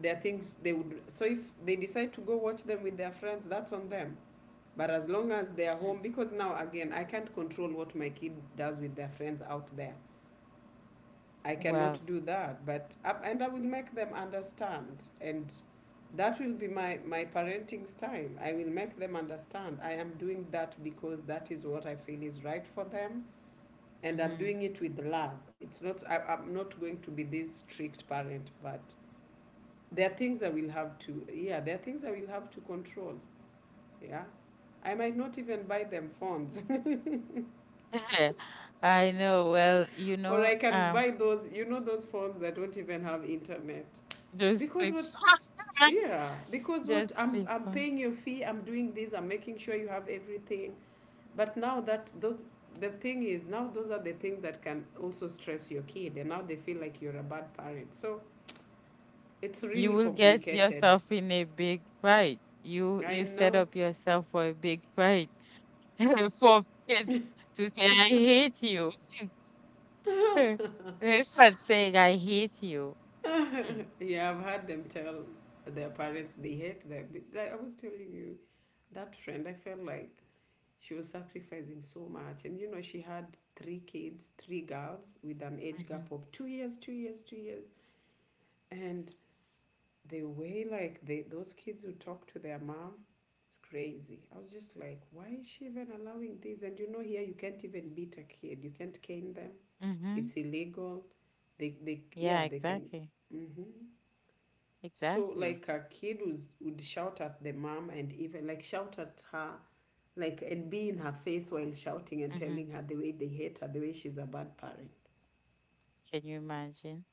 B: There are things they would, so if they decide to go watch them with their friends, that's on them. But as long as they are
A: Mhm.
B: home, because now again, I can't control what my kid does with their friends out there. I cannot
A: Well,
B: do that. But up, and I will make them understand, and that will be my my parenting style. I will make them understand, I am doing that because that is what I feel is right for them, and I'm
A: hmm.
B: doing it with love. It's not I, I'm not going to be this strict parent, but there are things I will have to, yeah, there are things I will have to control. Yeah. I might not even buy them phones.
A: (laughs) I know. Well, you
B: (laughs) Or
A: know,
B: I can
A: um,
B: buy those, you know, those phones that don't even have internet.
A: those
B: Because
A: flip
B: what,
A: phones,
B: yeah,
A: (laughs)
B: because what,
A: those flip
B: I'm
A: phones.
B: paying your fee, I'm doing this, I'm making sure you have everything. But now that those, the thing is, now those are the things that can also stress your kid, and now they feel like you're a bad parent. So it's
A: You
B: really
A: will get
B: complicated.
A: yourself in a big fight. You
B: I
A: you set up yourself for a big fight. (laughs) For kids to say I hate you.
B: know.
A: (laughs)
B: (laughs)
A: Instead saying I hate you.
B: (laughs) Yeah, I've heard them tell their parents they hate them. But, like I was telling you, that friend, I felt like she was sacrificing so much. And you know, she had 3 kids, 3 girls, with an age gap
A: Mm-hmm.
B: of 2 years, 2 years, 2 years. And the way like they those kids would talk to their mom, it's crazy. I was just like, why is she even allowing this? And you know, here you can't even beat a kid. You can't cane them.
A: Hmm.
B: It's illegal. They
A: Yeah,
B: yeah, they can.
A: exactly.
B: Mhm. So
A: Exactly.
B: like a kid would shout at the mom and even like shout at her like and be in her face while shouting and
A: Hmm.
B: telling her the way they hate her, the way she's a bad parent.
A: Can you imagine?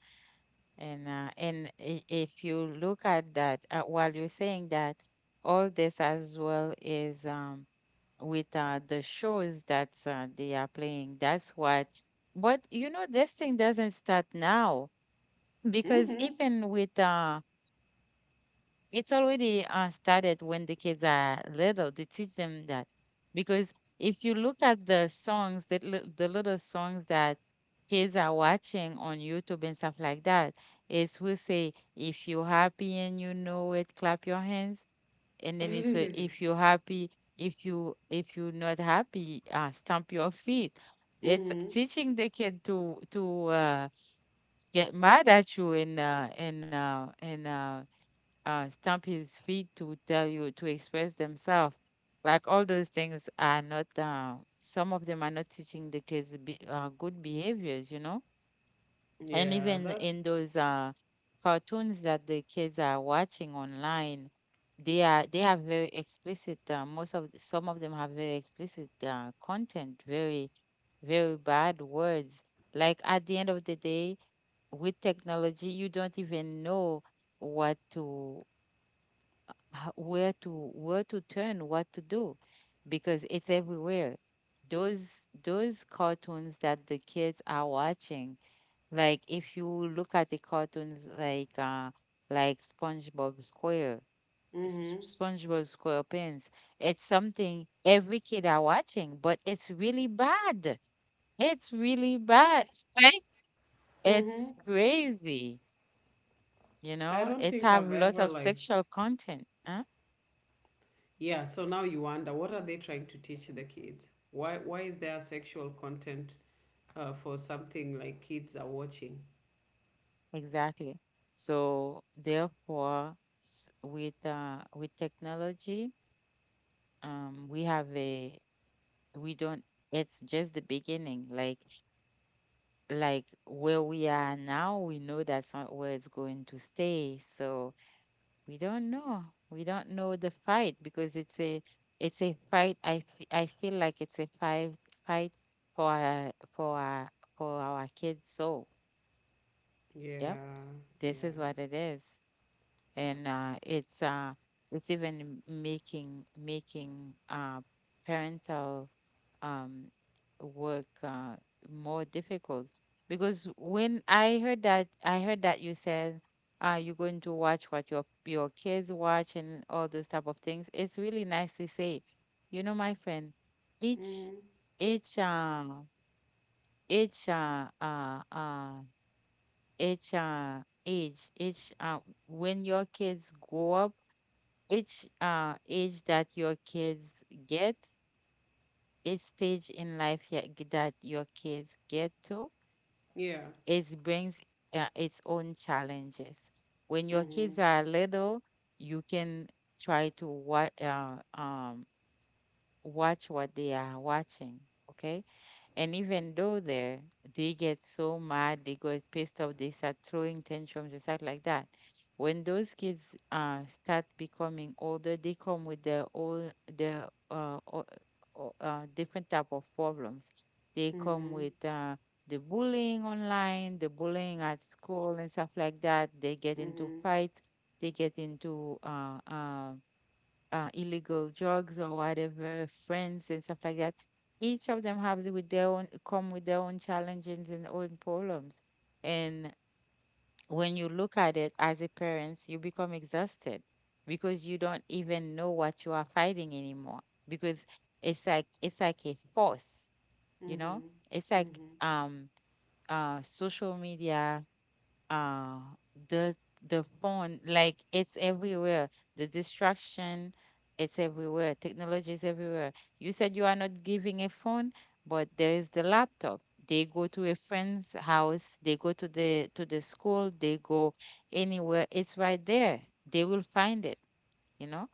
A: If you look at that, while you're saying that, all this as well is with the shows that they are playing. That's what. But you know, this thing doesn't start now because
B: Mm-hmm.
A: even with it's already started when the kids are little to teach them that because if you look at the songs that the little songs that kids are watching on YouTube and stuff like that, it's will say if you're happy and you know it clap your hands, and then it's a, if you're happy, if you're not happy, stamp your feet. It's
B: Mm-hmm.
A: teaching the kid to get mad at you and stamp his feet to tell you to express themselves. Like all those things are not, some of them are not teaching the kids be, good behaviors, you know? And
B: Yeah,
A: even
B: that.
A: in those cartoons that the kids are watching online, they have very explicit. Most of some of them have very explicit content, very very bad words. Like at the end of the day, with technology, you don't even know what to where to turn, what to do, because it's everywhere. Those cartoons that the kids are watching, like if you look at the cartoons like SpongeBob Square,
B: Mm-hmm.
A: SpongeBob SquarePants, it's something every kid are watching, but it's really bad. It's really bad. Right?
B: Mm-hmm.
A: It's crazy, you
B: I
A: know?
B: don't
A: It
B: think
A: have
B: I've
A: lots
B: ever
A: of
B: like,
A: sexual content. Huh?
B: yeah, so now you wonder, what are they trying to teach the kids? Why is there sexual content for something like kids are watching?
A: Exactly. So therefore, with technology, we have a we don't. It's just the beginning. Like where we are now, we know that's not where it's going to stay. So we don't know. We don't know the fight because it's a fight. I feel like it's a fight for our- for our, for our kids' soul. Yep,
B: Yeah,
A: this
B: yeah.
A: is what it is. And it's It's even making parental um, work more difficult because when I heard that you said you're going to watch what your kids watch and all those type of things. It's really nice to say, you know, my friend, each
B: Mm-hmm.
A: each uh, each uh, uh, uh, each age, each when your kids grow up each uh, age that your kids get, each stage in life that your kids get to,
B: Yeah.
A: it brings its own challenges. When your
B: Mm-hmm.
A: kids are little, you can try to watch what they are watching, okay? And even though there, they get so mad, they get pissed off, they start throwing tantrums and stuff like that. When those kids start becoming older, they come with their own different type of problems. They come
B: Mm-hmm.
A: with the bullying online, the bullying at school, and stuff like that. They get into
B: Mm-hmm.
A: fights. They get into illegal drugs or whatever, friends and stuff like that. Each of them have the- with their own Come with their own challenges and own problems. And when you look at it as a parent, you become exhausted because you don't even know what you are fighting anymore. Because it's like a force, you know?
B: Mm-hmm.
A: It's like
B: Mm-hmm.
A: um social media, uh the the phone, like it's everywhere, the distraction, it's everywhere, technology is everywhere. You said you are not giving a phone, but there is the laptop. They go to a friend's house, they go to the school, they go anywhere, it's right there, they will find it, you know,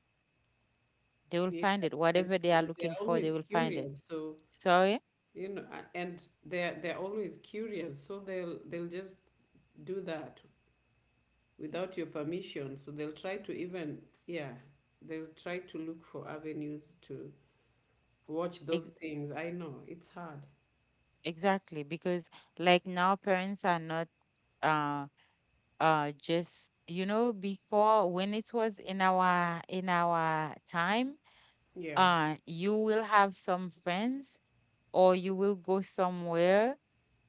A: they will
B: Yeah,
A: find it,
B: and
A: whatever they are looking
B: they're
A: for they
B: always
A: will find it.
B: curious. So,
A: Sorry.
B: you know, and they're always curious. So they'll just do that without your permission. So they'll try to even, yeah, they'll try to look for avenues to watch those
A: ex-
B: things. I know it's hard.
A: exactly, because like now parents are not uh. Just you know, before, when it was in our time,
B: Yeah,
A: you will have some friends or you will go somewhere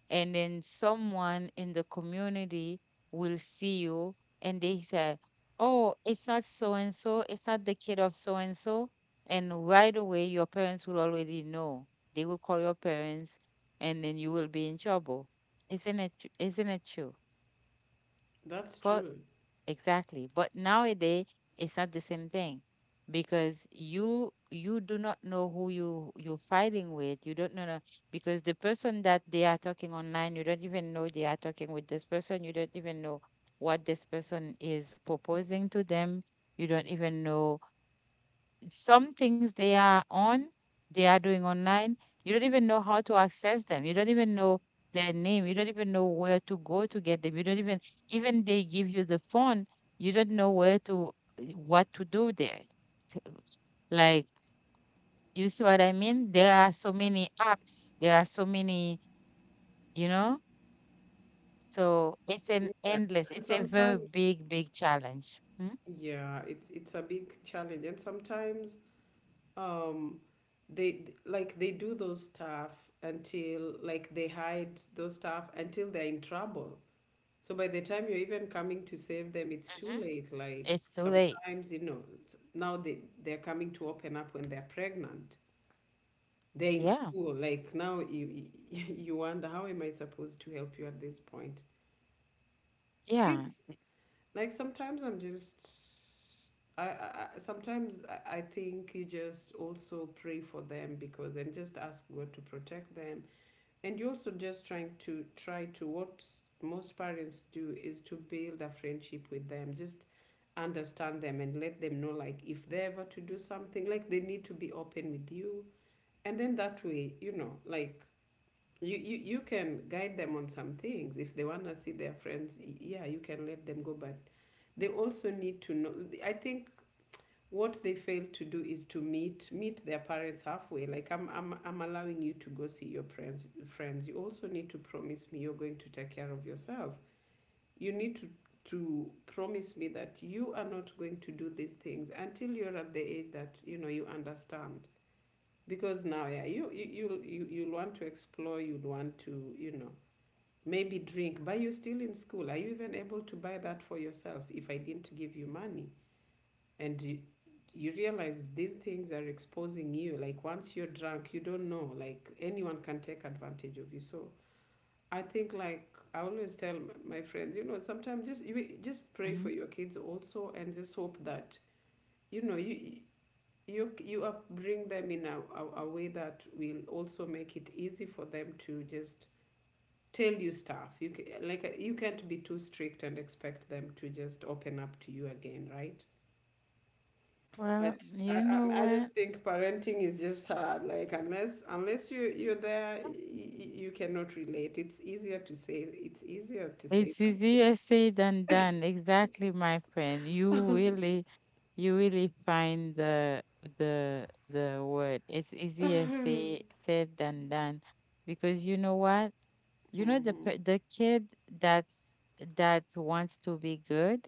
A: and then someone in the community will see you and they say, oh, it's not so and so, it's not the kid of so and so, and right away your parents will already know, they will call your parents, and then you will be in trouble. Isn't it true?
B: that's
A: For.
B: true.
A: Exactly. But nowadays, it's not the same thing because you do not know who you're fighting with. You don't know because the person that they are talking online, you don't even know they are talking with this person. You don't even know what this person is proposing to them. You don't even know some things they are on, they are doing online. You don't even know how to access them. You don't even know their name. You don't even know where to go to get them. You don't even, Even they give you the phone, you don't know where to, eh, what to do there. T- Like, you see what I mean? There are so many apps. There are so many, you know? So it's an
B: Yes,
A: endless,
B: and
A: it's a very
B: sometimes,
A: big, big challenge. Mm-hmm.
B: yeah, it's a big challenge, and sometimes um they, like they do those stuff until like they hide those stuff until they're in trouble. So by the time you're even coming to save them, it's too late. Like
A: It's too late.
B: sometimes, you know, it's, now they they're coming to open up when they're pregnant, they're in
A: Yeah.
B: school. Like now you (laughs) you wonder, how am I supposed to help you at this point?
A: Yeah.
B: Kids, like sometimes I'm just, I sometimes I think you just also pray for them, because, and just ask God to protect them. And you also just trying to try to, what most parents do is to build a friendship with them, just understand them and let them know, like if they ever to do something, like they need to be open with you. And then that way, you know, like you can guide them on some things. If they want to see their friends, yeah, you can let them go, but they also need to know. I think what they fail to do is to meet their parents halfway. Like I'm allowing you to go see your friends, you also need to promise me you're going to take care of yourself. You need to promise me that you are not going to do these things until you're at the age that you know you understand. Because now, yeah, you you'll want to explore, you'd want to, you know, maybe drink, but you're still in school. Are you even able to buy that for yourself if I didn't give you money? and you, you realize these things are exposing you. Like once you're drunk, you don't know. Like anyone can take advantage of you. So I think, like, I always tell my friends, you know, sometimes, just, you just pray for
A: Hmm.
B: your kids also and just hope that, you know, you bring them in a way that will also make it easy for them to just tell you stuff. You can like, you can't be too strict and expect them to just open up to you again, right? But
A: Well, you know
B: I just
A: what?
B: think parenting is just hard. Like, unless, unless you, you're there, you cannot relate. It's easier to say, it's easier to say
A: It's
B: something.
A: easier said than done. Exactly, my friend. You really find the word. It's easier say
B: (laughs)
A: said than done, because you know what? The kid that's that wants to be good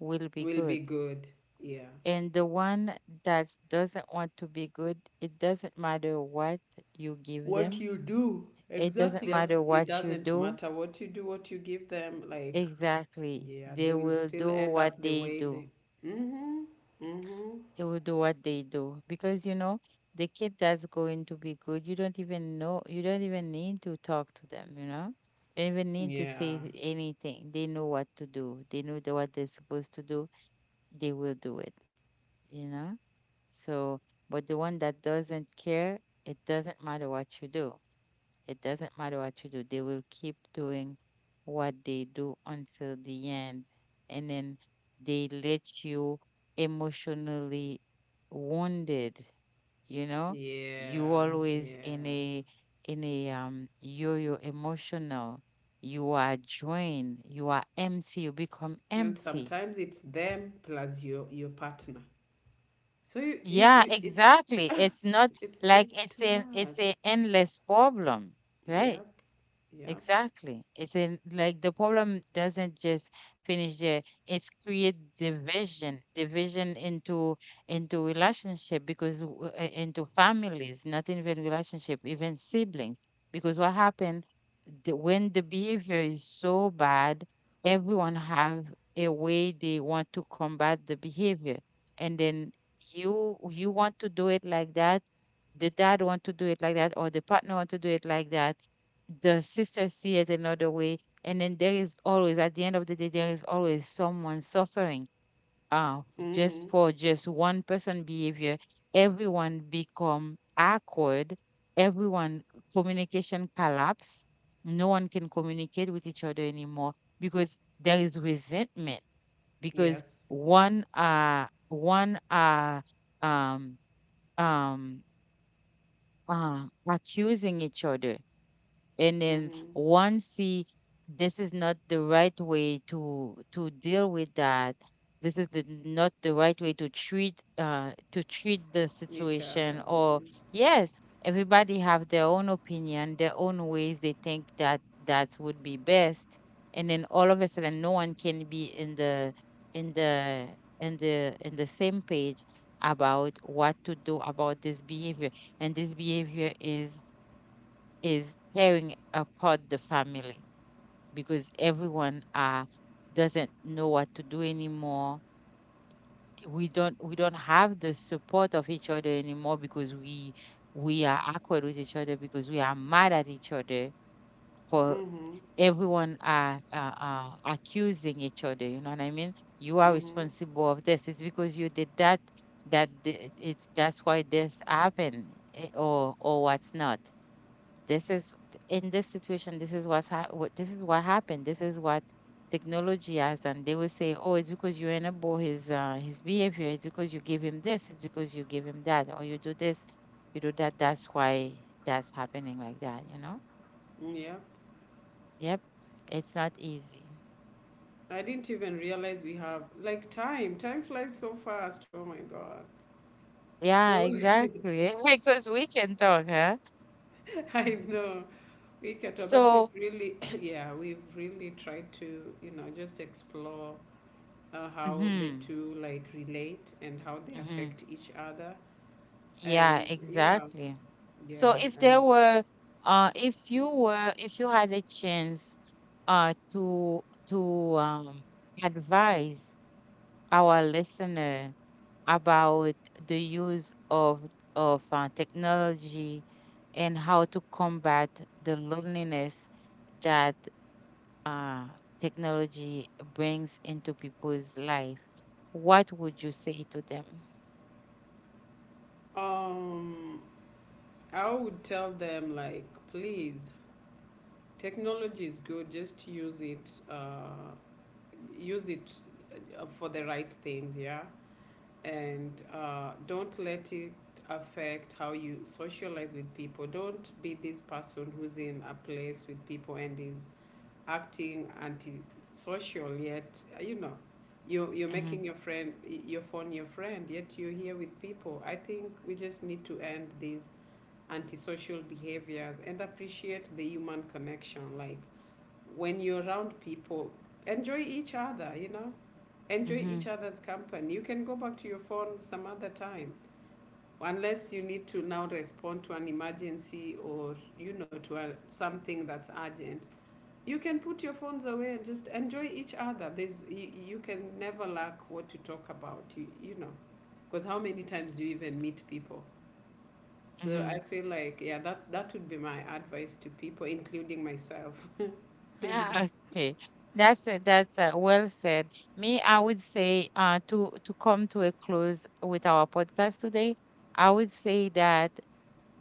A: will
B: (sighs)
A: be
B: Will be
A: good,
B: good, yeah.
A: and the one that doesn't want to be good, it doesn't matter what you give
B: What
A: them.
B: you do,
A: It doesn't
B: exactly.
A: matter
B: It
A: what you
B: doesn't
A: do.
B: matter what you do, what you give them, like,
A: Exactly,
B: yeah,
A: they
B: they will
A: will
B: still
A: do
B: end
A: what
B: up the
A: they
B: way
A: do.
B: they. Mm-hmm. Mm-hmm.
A: They will do what they do because you know the kid that's going to be good, you don't even know, you don't even need to talk to them, you know, you don't even need to
B: Yeah,
A: say anything, they know what to do, they know what they're supposed to do, they will do it, you know. So but the one that doesn't care, it doesn't matter what you do, it doesn't matter what you do, they will keep doing what they do until the end. And then they let you emotionally wounded, you know? You
B: yeah,
A: always
B: yeah.
A: in a you you're emotional. You are drained, you are empty, you become
B: And
A: empty.
B: sometimes it's them plus your partner. So
A: Yeah,
B: you, it's
A: exactly.
B: (laughs)
A: It's not
B: it's
A: like
B: just too
A: it's
B: much.
A: an endless problem, right?
B: Yep, yep.
A: Exactly. It's in, like, the problem doesn't just finish there. It's create division, division into relationship because into families, not even relationship, even sibling. Because what happened when the behavior is so bad, everyone have a way they want to combat the behavior, and then you want to do it like that, the dad want to do it like that, or the partner want to do it like that, the sisters see it another way, and then there is always, at the end of the day, there is always someone suffering, uh
B: Mm-hmm.
A: just for just one person behavior. Everyone become awkward, everyone, communication collapse, no one can communicate with each other anymore because there is resentment, because
B: Yes.
A: one one um um accusing each other. And then
B: Mm-hmm.
A: once see this is not the right way to deal with that, this is not the right way to treat the
B: Each other.
A: situation, or
B: Mm-hmm.
A: yes, everybody have their own opinion, their own ways they think that that would be best. And then all of a sudden no one can be in the in the same page about what to do about this behavior. And this behavior is tearing apart the family because everyone doesn't know what to do anymore. We don't have the support of each other anymore because we are awkward with each other because we are mad at each other, for
B: Mm-hmm.
A: everyone are accusing each other. You know what I mean? You are
B: Mm-hmm.
A: responsible of this. It's because you did that, that the- it's that's why this happened, eh, or what's not. This is, in this situation, this is what's hap- what this is what happened, this is what technology has done. They will say, oh, it's because you enable his behavior, it's because you give him this, it's because you give him that, or you do this, you do that, that's why that's happening like that, you know.
B: Yep.
A: Yep, it's not easy.
B: I didn't even realize we have like time. Time flies so fast. Oh my God. So
A: Yeah, exactly, (laughs) because we can talk, huh?
B: (laughs) I know. We get, but we've
A: So,
B: really, (coughs) (clears throat) yeah, we've really tried to, you know, just explore how the
A: mhm,
B: two like relate and how they
A: mhm.
B: affect each other.
A: Yeah,
B: And yeah,
A: exactly. So
B: yeah,
A: if
B: and
A: there were, if you were, if you had a chance, to advise our listener about the use of technology and how to combat the loneliness that, uh, technology brings into people's life, what would you say to them?
B: um, I would tell them, like, please, technology is good. Just use it for the right things. Yeah, and don't let it affect how you socialize with people. Don't be this person who's in a place with people and is acting antisocial. Yet you know, you're
A: Hmm.
B: making your friend your phone your friend. Yet you're here with people. I think we just need to end these antisocial behaviors and appreciate the human connection. Like, when you're around people, enjoy each other. You know, enjoy each
A: Hmm.
B: other's company. You can go back to your phone some other time, unless you need to now respond to an emergency, or, you know, to a, something that's urgent. You can put your phones away and just enjoy each other. There's, you can never lack what to talk about. You know, because how many times do you even meet people? So I
A: Hmm.
B: feel like, yeah, that that would be my advice to people, including myself. (laughs)
A: Yeah. Okay. That's it. That's, well said. Me, I would say, to come to a close with our podcast today, I would say that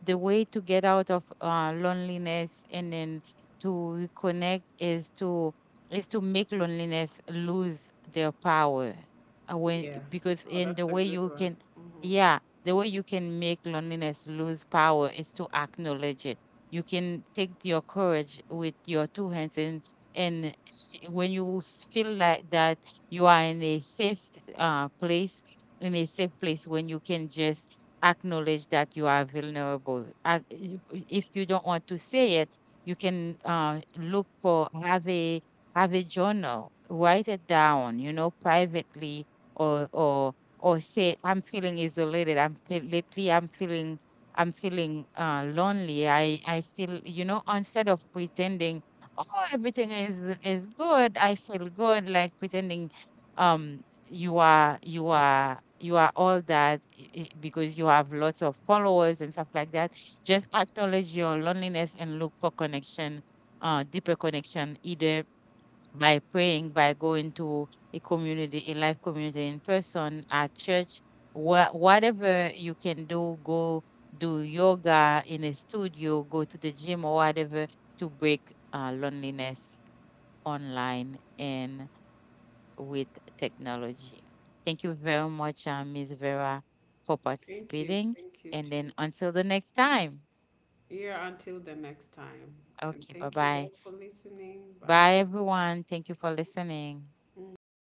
A: the way to get out of, loneliness and then to reconnect is to make loneliness lose their power. When
B: Yeah.
A: because
B: Oh,
A: in the
B: that's a
A: way
B: good
A: you
B: one.
A: can,
B: Hmm.
A: yeah, the way you can make loneliness lose power is to acknowledge it. You can take your courage with your two hands and, when you feel like that, you are in a safe, place, in a safe place when you can just acknowledge that you are vulnerable. If you don't want to say it, you can, look for have a, have a journal, write it down, you know, privately. Or say, I'm feeling isolated. Lately I'm feeling, lonely. I feel, you know, instead of pretending, oh, everything is good. I feel good, like pretending um you are all that, because you have lots of followers and stuff like that. Just acknowledge your loneliness and look for connection, deeper connection, either by praying, by going to a community, a life community in person, at church, whatever you can do, go do yoga in a studio, go to the gym, or whatever, to break, loneliness online and with technology. Thank you very much, Ms. Vera, for
B: Thank you.
A: participating.
B: Thank you
A: And then
B: too.
A: until the next time.
B: Yeah, until the next time. And
A: Okay, bye
B: thank you
A: bye.
B: guys for listening. Bye.
A: Bye, everyone. Thank you for listening.
B: Hmm.